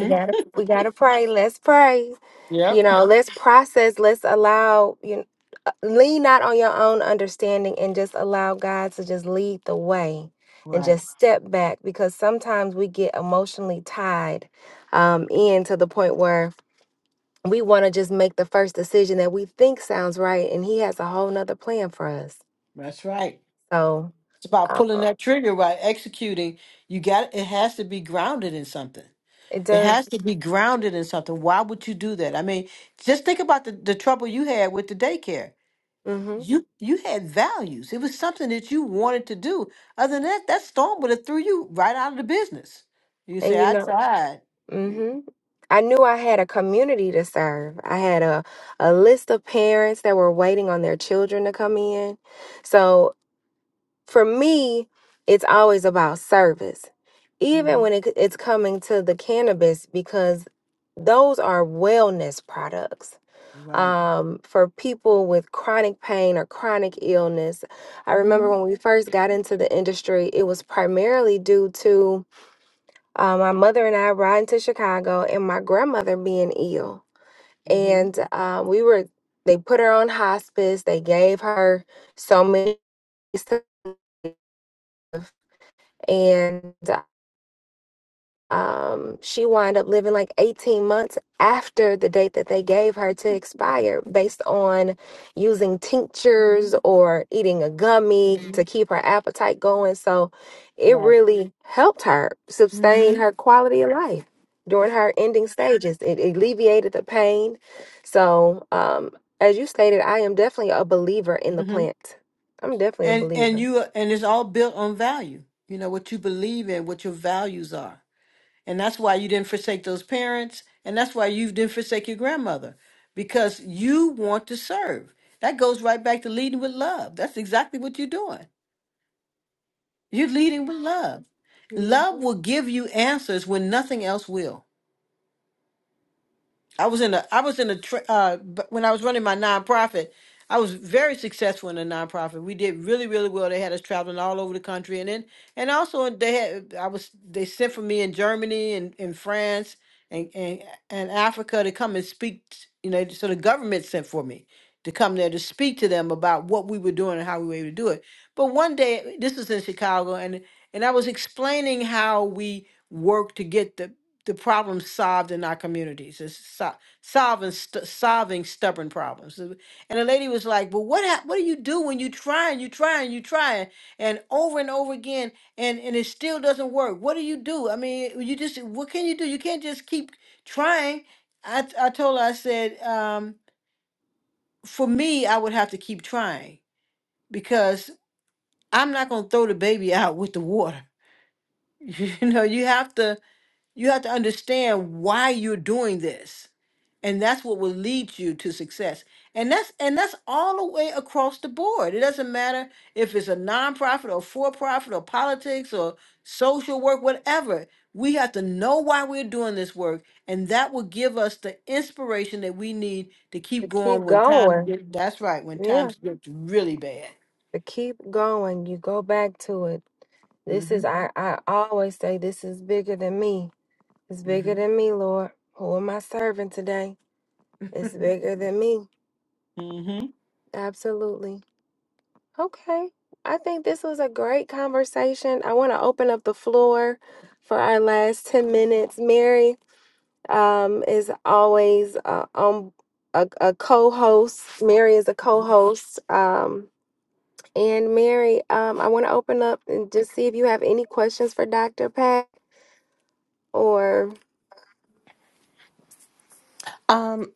A: We gotta we gotta pray. Let's pray
B: yep
A: you know let's process let's allow you know, uh, lean not on your own understanding and just allow god to just lead the way and
B: right
A: just step back because sometimes we get emotionally tied um, in to the point where we want to just make the first decision that we think sounds right and he has a whole nother plan for us
B: that's right
A: so
B: it's about
A: uh,
B: pulling that trigger right executing you got it has to be grounded in something
A: it
B: It
A: does
B: has to be grounded in something. Why would you do that? I mean, just think about the, the trouble you had with the daycare.
A: hmm
B: You you had values. It was something that you wanted to do. Other than that, that storm would have threw you right out of the business. You say,
A: and you
B: I
A: know
B: tried.
A: hmm I knew I had a community to serve. I had a, a list of parents that were waiting on their children to come in. So for me, it's always about service, even
B: Mm-hmm.
A: when it, it's coming to the cannabis, because those are wellness products.
B: Right.
A: Um, for people with chronic pain or chronic illness, I
B: Mm-hmm.
A: remember when we first got into the industry, it was primarily due to uh, my mother and I riding to Chicago, and my grandmother being ill.
B: Mm-hmm.
A: And uh, we were, they put her on hospice. They gave her so many, stuff, and um, she wound up living like 18 months after the date that they gave her to expire based on using tinctures
B: Mm-hmm.
A: or eating a gummy
B: Mm-hmm.
A: to keep her appetite going. So it
B: Right.
A: really helped her sustain
B: Mm-hmm.
A: her quality of life during her ending stages. It alleviated the pain. So, um, as you stated, I am definitely a believer in the
B: Mm-hmm.
A: plant. I'm definitely a
B: And and
A: believer
B: you and it's all built on value. You know what you believe in, what your values are. And that's why you didn't forsake those parents. And that's why you didn't forsake your grandmother because you want to serve. That goes right back to leading with love. That's exactly what you're doing. You're leading with love.
A: Mhm.
B: Love will give you answers when nothing else will. I was in a I was in a tra- uh b- when I was running my nonprofit, I was very successful in a nonprofit. We did really really well. They had us traveling all over the country, and then and also they had I was they sent for me in Germany and in France and and and Africa to come and speak. t- You know, so the government sent for me to come there to speak to them about what we were doing and how we were able to do it. But one day, this was in Chicago, and and I was explaining how we worked to get the the problems solved in our communities is so- solving st- solving stubborn problems Uh, and the lady was like "But what hap what do you do when you try and you try and you try and over and over again and and it still doesn't work what do you do i mean you just what can you do you can't just keep trying i t- i told her i said um for me i would have to keep trying because i'm not going to throw the baby out with the water you know you have to You have to understand why you're doing this. And that's what will lead you to success. And that's and that's all the way across the board. It doesn't matter if it's a nonprofit or for-profit or politics or social work, whatever. We have to know why we're doing this work, and that will give us the inspiration that we need to keep
A: to
B: going
A: keep
B: when times
A: going.
B: get. That's right, when
A: yeah.
B: times get really bad.
A: to keep going you go back to it this
B: hmm
A: is i i always say this is bigger than me it's bigger
B: hmm
A: than me lord who am i serving today it's bigger than me
B: hmm
A: absolutely okay i think this was a great conversation i want to open up the floor for our last 10 minutes mary um is always uh, um a, a co-host mary is a co-host um And Mary, um, I want to open up and just see if you have any questions for Dr. Pat or.
C: Um,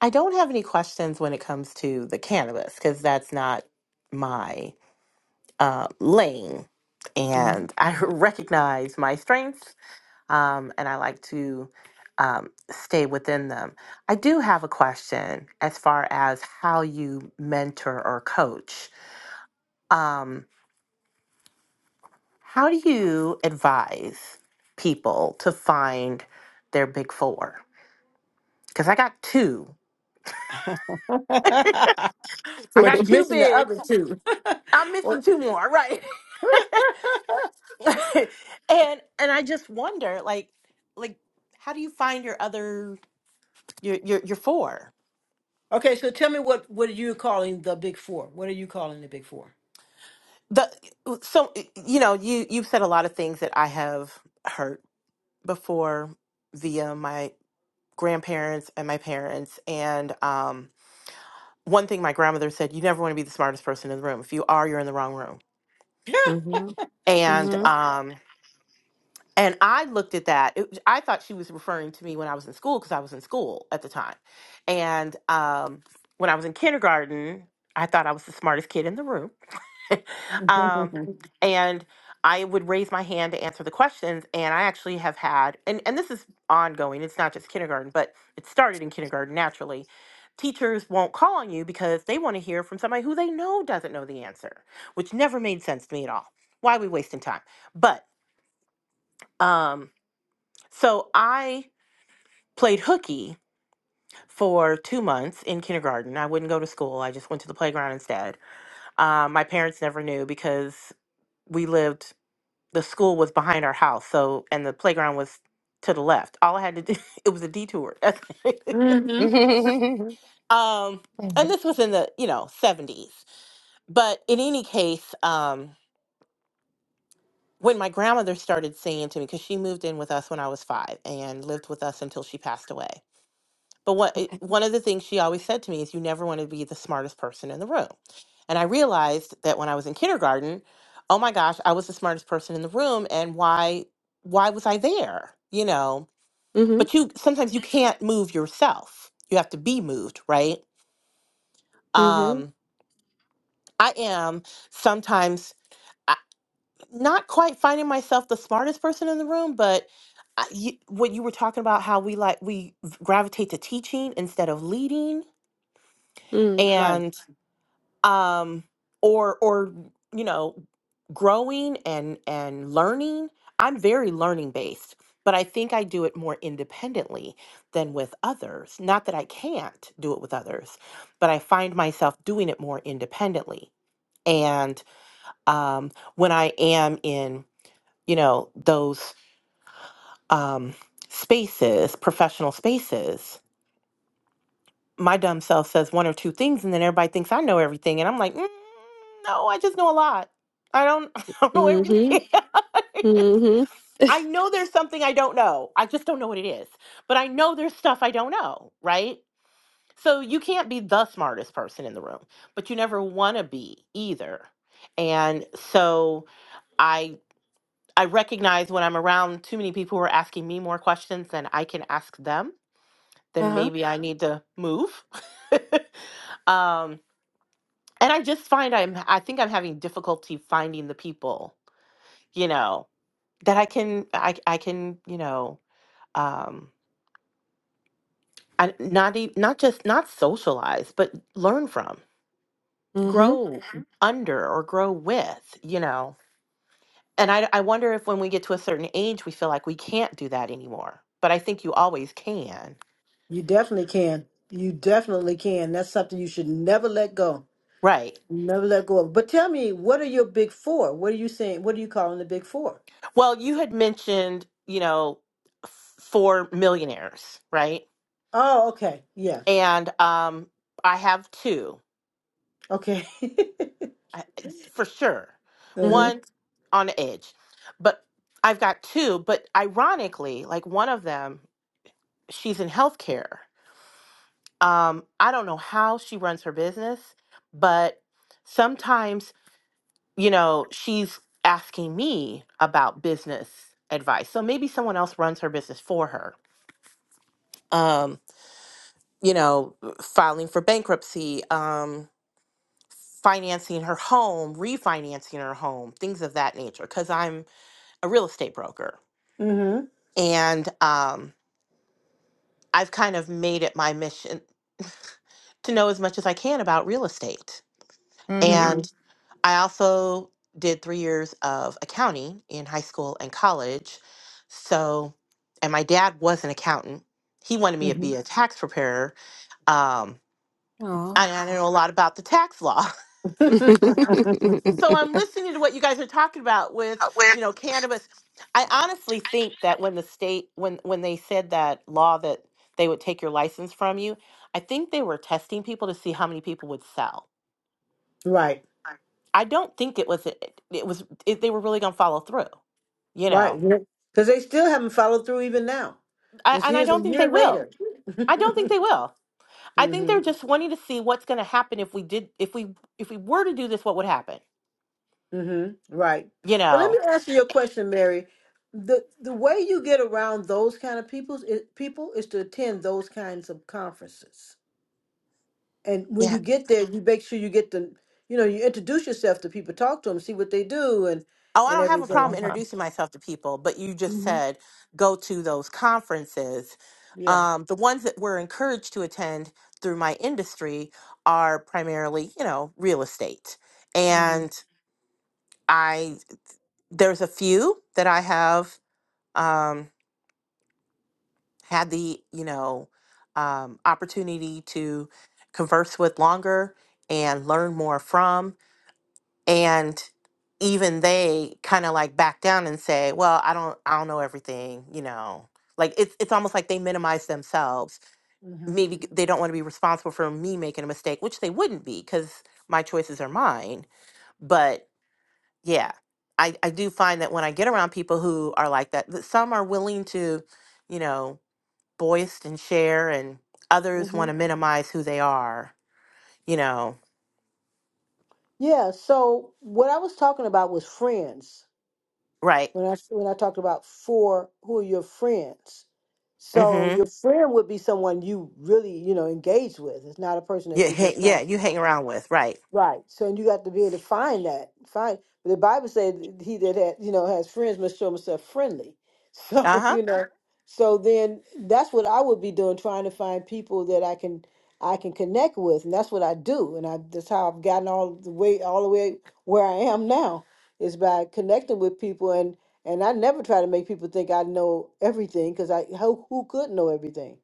C: I don't have any questions when it comes to the cannabis because that's not my uh, lane.
B: hmm
C: And I recognize my strengths um, and I like to um, stay within them. I do have a question as far as how you mentor or coach. Um, how do you advise people to find their big four? Because I got two. I
B: but
C: got
B: you
C: two
B: mentioned the
C: bigs.
B: other two.
C: I'm
B: Or-
C: missing two more, right? and and I just wonder, like, like how do you find your other your your, your four?
B: okay, so tell me what what are you calling the big four? What are you calling the big four?
C: The so you know you you've said a lot of things that I have heard before via my grandparents and my parents, and um, one thing my grandmother said: you never want to be the smartest person in the room. If you are, you're in the wrong room.
A: Mm-hmm.
C: And um, And I looked at that. It, I thought she was referring to me when I was in school because I was in school at the time. And um, when I was in kindergarten, I thought I was the smartest kid in the room. um, and I would raise my hand to answer the questions. And I actually have had, and, and this is ongoing, it's not just kindergarten, but it started in kindergarten naturally. Teachers won't call on you because they want to hear from somebody who they know doesn't know the answer, which never made sense to me at all. Why are we wasting time? But, um, so I played hooky for two months in kindergarten. I wouldn't go to school. I just went to the playground instead. Uh, my parents never knew because we lived. The school was behind our house, so and the playground was to the left. All I had to do it was a detour. That's it.
A: Mm-hmm.
B: hmm
C: um, and this was in the you know seventies. But in any case, um, when my grandmother started singing to me because she moved in with us when I was five and lived with us until she passed away But what it-
A: okay.
C: one of the things she always said to me is, "You never want to be the smartest person in the room." And I realized that when I was in kindergarten, oh my gosh, I was the smartest person in the room, and why why was I there? You know.
A: Mm-hmm.
C: But you sometimes you can't move yourself. You have to be moved, right?
A: Mm-hmm.
C: Um, I am sometimes I, not quite finding myself the smartest person in the room, but I, you, what you were talking about, how we like we gravitate to teaching instead of leading
A: Mm.
B: Right.
C: um or or you know growing and and learning i'm very learning based but i think i do it more independently than with others not that i can't do it with others but i find myself doing it more independently and um when i am in you know those um spaces professional spaces my dumb self says one or two things and then everybody thinks I know everything and I'm like, mm, no, I just know a lot. I don't I don't know
A: Mm-hmm.
C: everything.
A: Mm-hmm.
C: I know there's something I don't know. I just don't know what it is. But I know there's stuff I don't know, right? So you can't be the smartest person in the room, but you never want to be either. And so I I recognize when I'm around too many people who are asking me more questions than I can ask them, then
A: Uh-huh.
C: maybe I Yeah. need to move. um and i just find i'm i think i'm having difficulty finding the people you know that i can i i can you know um I, not e- not just not socialize but learn from
A: Mm-hmm.
C: grow Mhm. under or grow with you know and I, I wonder if when we get to a certain age we feel like we can't do that anymore but i think you always can
B: You definitely can. You definitely can. That's something you should never let go.
C: right
B: Never let go of. But tell me, what are your big four? What are you saying? What are you calling the big four?
C: well you had mentioned you know f- four millionaires right
B: Oh, okay. Yeah.
C: and um i have two
B: Okay.
C: I, for sure.
A: Mm-hmm.
B: uh-huh.
C: One on the edge. But I've got two, but ironically, like one of them, she's in healthcare. Um, I don't know how she runs her business, but sometimes, you know, she's asking me about business advice. So maybe someone else runs her business for her. Um, you know, filing for bankruptcy, um, financing her home, refinancing her home, things of that nature. Cause I'm a real estate broker.
B: Mm-hmm.
C: And um, I've kind of made it my mission to know as much as I can about real estate.
A: Mm-hmm.
C: And
B: Mm-hmm.
C: I also did three years of accounting in high school and college. So, and my dad was an accountant. He wanted me to be a tax preparer. Um,
A: Oh.
C: I, I know a lot about the tax law.
B: Mm-hmm.
C: so I'm listening to what you guys are talking about with, you know, cannabis. I honestly think that when the state when when they said that law that they would take your license from you, I think they were testing people to see how many people would sell.
B: right.
C: I don't think it was it, it was it, they were really going to follow through. You
B: Right.
C: know,
B: Because they still haven't followed through even now.
C: I,
B: It's
C: and I
B: years a
C: don't think they
B: year
C: will.
B: later.
C: I don't think they will. I think
B: hmm
C: they're just wanting to see what's going to happen if we did if we if we were to do this, what would happen?
B: hmm Right.
C: You
B: But let me
C: know.
B: ask you your question, Mary. The the way you get around those kind of people's is, people is to attend those kinds of conferences. And
C: Yeah,
B: when you get there, you make sure you get the you know, you introduce yourself to people, talk to them, see what they do and
C: Oh, I
B: and
C: don't have a
A: Uh
C: problem
B: everything.
A: huh.
C: introducing myself to people, but you just
B: hmm
C: said go to those conferences.
B: Yeah.
C: Um, the ones that we're encouraged to attend through my industry are primarily, you know, real estate.
B: hmm
C: And I there's a few that I have um, had the, you know, um, opportunity to converse with longer and learn more from. and even they kind of like back down and say well i don't i don't know everything you know like it's it's almost like they minimize themselves
B: hmm
C: maybe g- they don't want to be responsible for me making a mistake which they wouldn't be cuz my choices are mine but yeah i i do find that when i get around people who are like that that some are willing to you know boist and share and others
B: hmm
C: want to minimize who they are you know
B: Yeah. So what I was talking about was friends
C: right
B: when I when I talked about four who are your friends. So
C: mhm
B: your friend would be someone you really, you know, engage with. It's not a person that
C: yeah
B: you
C: ha-
B: just trying
C: yeah you hang around with right
B: Right. So and you got to be able to find that. Find the Bible said he that had you know has friends must show himself friendly. So
C: Uh-huh.
B: you know, Sure. so then that's what I would be doing, trying to find people that I can I can connect with, and that's what I do, and I that's how I've gotten all the way all the way where I am now is by connecting with people, and and I never try to make people think I know everything because I who who could know everything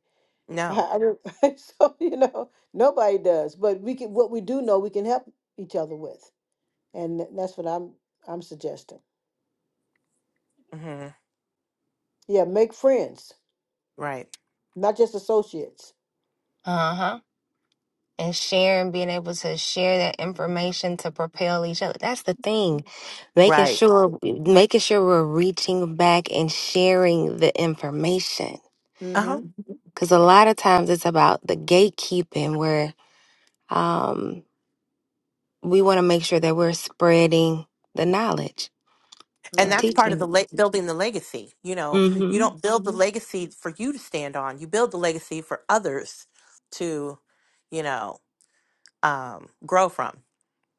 B: I,
C: No.
B: I don't- so you know nobody does, but we can what we do know we can help each other with, and th- that's what I'm I'm suggesting.
C: hmm
B: Yeah, make friends,
C: Right.
B: not just associates.
A: Uh-huh. and sharing, being able to share that information to propel each other. That's the thing, making
C: Right.
A: sure making sure we're reaching back and sharing the information.
C: Uh huh.
B: Mm-hmm.
A: Because a lot of times it's about the gatekeeping, where um, we want to make sure that we're spreading the knowledge
C: And
A: and
B: Right.
C: that's part of the
A: teaching.
C: le- building the legacy. You know, you
A: Mm-hmm.
C: don't build
B: Mm-hmm.
C: the legacy for you to stand on. You build the legacy for others to, you know, um, grow from.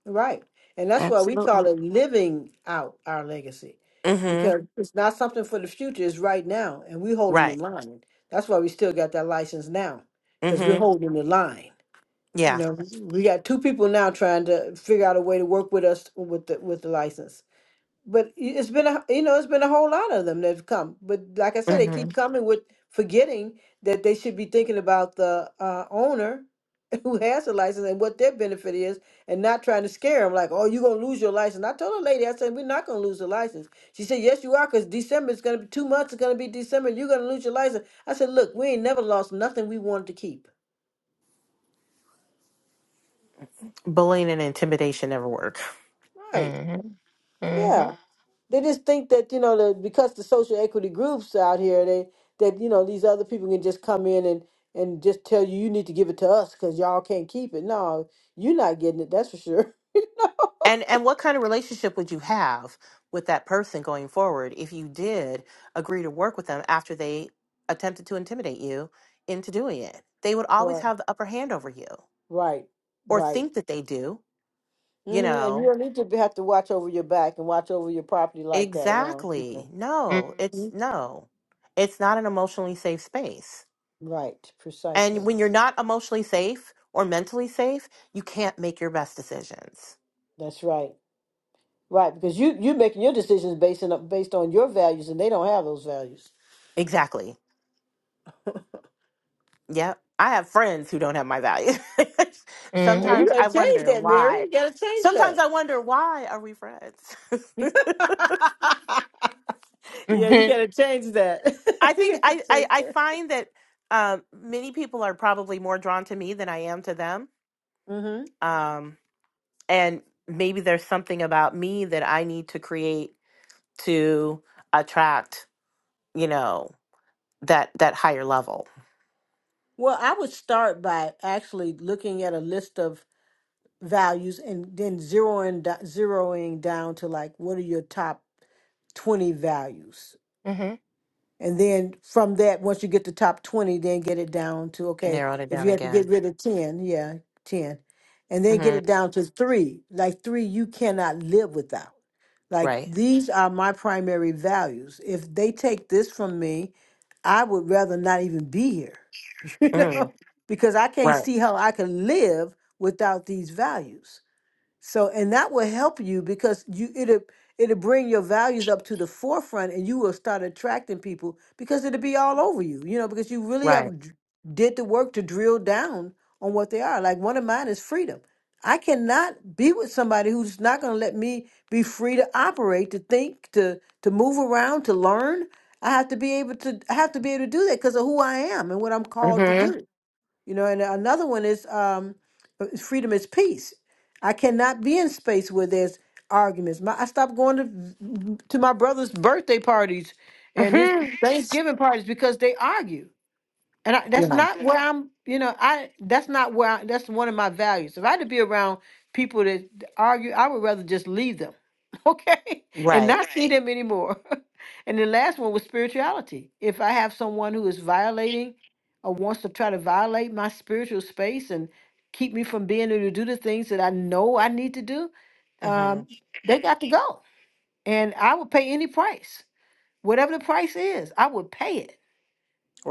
B: Right. And that's why we call
A: Absolutely.
B: it living out our legacy
C: hmm
B: because it's not something for the future, it's right now. And we're holding the
C: Right.
B: line. That's why we still got that license now because we're
C: hmm
B: holding the line. You
C: Yeah.
B: know, we got two people now trying to figure out a way to work with us with the with the license but it's been a you know it's been a whole lot of them that have come but like i said they
C: hmm
B: keep coming with forgetting that they should be thinking about the uh, owner who has a license and what their benefit is and not trying to scare them like oh you're going to lose your license i told a lady i said we're not going to lose the license she said yes you are because december is going to be two months it's going to be december you're going to lose your license i said look we ain't never lost nothing we wanted to keep
C: Bullying and intimidation never work.
B: right
A: Mm-hmm. Mm-hmm.
B: yeah They just think that you know that because the social equity groups out here, they that you know these other people can just come in and and just tell you you need to give it to us because y'all can't keep it. No, you're not getting it. That's for sure.
C: And and what kind of relationship would you have with that person going forward if you did agree to work with them after they attempted to intimidate you into doing it? They would always
B: Right.
C: have the upper hand over you
B: Right.
C: or
B: Right.
C: think that they do, you
B: hmm And you
C: know.
B: don't need to be- have to watch over your back and watch over your property like that around
C: Exactly.
B: people.
C: No, it's
A: Mm-hmm.
C: no. It's not an emotionally safe space.
B: Right. Precisely.
C: And when you're not emotionally safe or mentally safe, you can't make your best decisions.
B: That's right. Right, because you you're making your decisions based on based on your values, and they don't have those values.
C: Exactly. Yep. I have friends who don't have my value.
B: Well, you
C: Sometimes
A: Mm-hmm.
B: gotta
C: I
B: change
C: wonder
B: that, Mary.
C: why.
B: You gotta change
C: Sometimes I wonder why are we friends?
B: that. Yeah, you gotta change that.
C: I
B: you
C: think
B: got to
C: I, I,
B: change
C: I
B: that.
C: find that um, many people are probably more drawn to me than I am to them.
B: hmm
C: Um, and maybe there's something about me that I need to create to attract, you know, that that higher level.
B: Well, I would start by actually looking at a list of values and then zeroing do- zeroing down to like what are your top 20 values
A: Mm-hmm.
B: And then from that, once you get to top 20, then get it down to, okay,
C: Narrowed it
B: if
C: down
B: you have to
C: again.
B: get rid of 10, yeah, 10. And then get
C: hmm
B: it down to three, like three you cannot live without. Like
C: Right.
B: these are my primary values. If they take this from me, I would rather not even be here, you
C: hmm
B: know, because I can't
C: Right.
B: see how I can live without these values. So, and that will help you because you it'll it'll bring your values up to the forefront, and you will start attracting people because it'll be all over you. You know, because you really
C: Right.
B: have d- did the work to drill down on what they are. Like one of mine is freedom. I cannot be with somebody who's not going to let me be free to operate, to think, to to move around, to learn. I have to be able to I have to be able to do that because of who I am and what I'm called to
C: hmm
B: do. You know, and another one is um, uh, freedom is peace. I cannot be in space where there's arguments. My, I stopped going to to my brother's birthday parties and his
C: hmm
B: Thanksgiving parties because they argue. And I, that's not where I'm, you know, I that's not where I, that's one of my values. If I had to be around people that argue, I would rather just leave them, okay, and
C: Right.
B: not see Right. them anymore. and the last one was spirituality. If I have someone who is violating or wants to try to violate my spiritual space and keep me from being able to do the things that I know I need to do,
C: hmm
B: um, they got to go. And I would pay any price, whatever the price is, I would pay it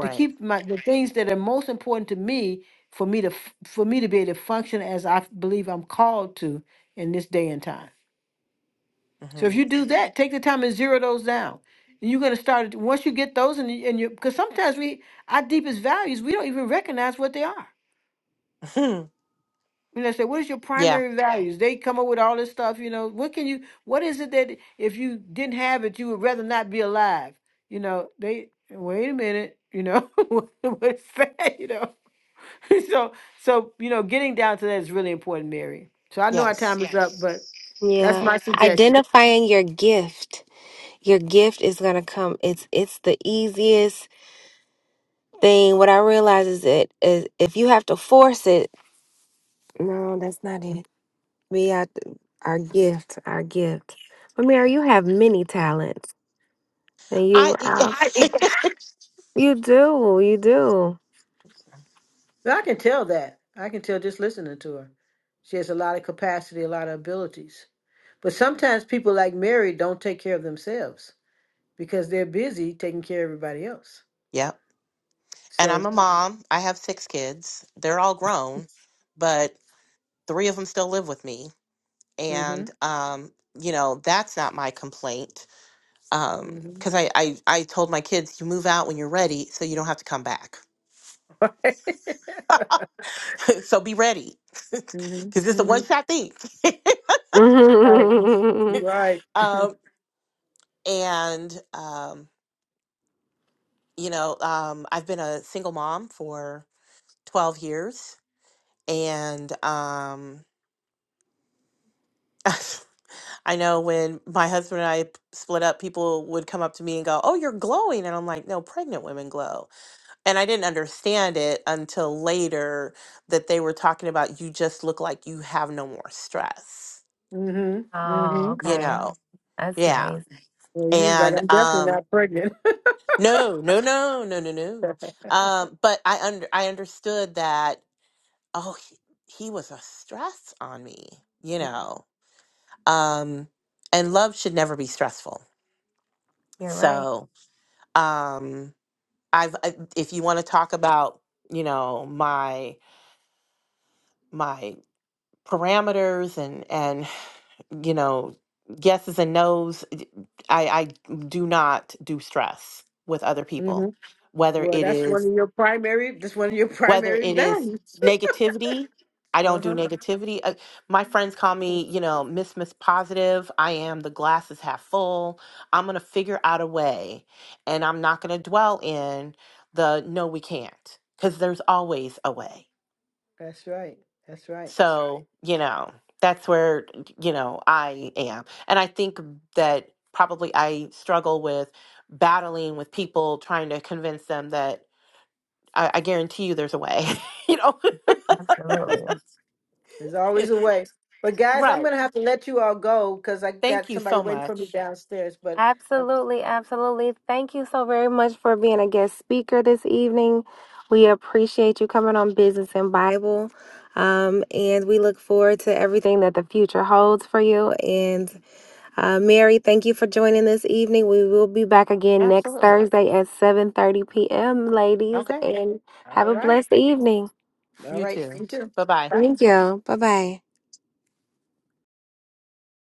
B: to keep my the things that are most important to me for me to f- for me to be able to function as I f- believe I'm called to in this day and time. So
C: hmm
B: if you do that, take the time and zero those down. And you're going to start once you get those and you- and you because sometimes we our deepest values we don't even recognize what they are. You know, say what is your
C: yeah.
B: primary values? They come up with all this stuff. You know, what can you? What is it that if you didn't have it, you would rather not be alive? You know, they wait a minute. You know, what is that? You know. so so you know, getting down to that is really important, Mary. So I know our
C: Yes.
B: time is up, Yes. but that's
A: Yeah,
B: my suggestion.
A: identifying your gift. your gift is gonna come. It's it's the easiest thing. What I realize is it is if you have to force it. No, that's not it. We have to, our gift, our gift. But Mary, you have many talents, and you
C: I.
A: uh, I do. you do, you do.
B: But I can tell that. I can tell just listening to her. She has a lot of capacity, a lot of abilities. But sometimes people like Mary don't take care of themselves because they're busy taking care of everybody else.
C: Yep. And I'm
B: So,
C: a mom. I have six kids. They're all grown, but three of them still live with me.
B: mm-hmm,
C: And um, you know, that's not my complaint. Um,
B: mm-hmm.
C: because I, I I told my kids, you move out when you're ready, so you don't have to come back.
B: Right.
C: so be ready, because
B: mm-hmm,
C: it's a
B: mm-hmm.
C: one shot thing.
B: Right, right.
C: um, and um, you know, um, I've been a single mom for 12 years. And um, I know when my husband and I p- split up, people would come up to me and go, Oh, you're glowing. And I'm like, No, pregnant women glow. And I didn't understand it until later that they were talking about you just look like you have no more stress,
B: Mm-hmm,
A: oh,
B: mm-hmm.
C: you Okay.
A: okay,
C: know?
A: that's
C: Yeah.
A: nice.
B: Well, you was like,
C: And
B: I'm definitely
C: um,
B: not pregnant.
C: no, no, no, no, no, no. Um, but I under I understood that, oh, he, he was a stress on me, you know? um, and love should never be stressful.
A: You're right.
C: So um, I've I, if you want to talk about you know my my parameters and and you know yeses and nos, d- I I do not do stress with other
B: Mm-hmm,
C: people, whether
B: Well,
C: it
B: that's
C: is
B: one of your primary. That's one of your
C: whether
B: primary
C: it is
B: values.
C: negativity i
B: Uh
C: don't do
B: huh.
C: negativity Uh, my friends call me you know miss miss positive i am the glass is half full i'm going to figure out a way and i'm not going to dwell in the no we can't because there's always a way Right.
B: That's right. That's right.
C: so you know that's where you know i am and i think that probably i struggle with battling with people trying to convince them that I, I guarantee you there's a way. you know?
A: Absolutely.
B: There's always a way. But guys, I'm
C: right.
B: gonna have to let you all go because I
C: Thank
B: got
C: you
B: somebody
C: so
B: waiting for me
C: much.
B: downstairs. But uh,
A: Absolutely, absolutely. Thank you so very much for being a guest speaker this evening. We appreciate you coming on Business and Bible. Um, and we look forward to everything that the future holds for you. And uh, Mary, thank you for joining this evening. We will be back again next
C: Absolutely.
A: Thursday at 7:30 p.m., ladies.
C: Okay.
A: And have
B: all
A: a
B: right,
A: blessed evening.
B: all
C: You
B: right. You
C: too.
B: too.
C: Bye bye.
B: Bye.
A: Thank you. Bye bye.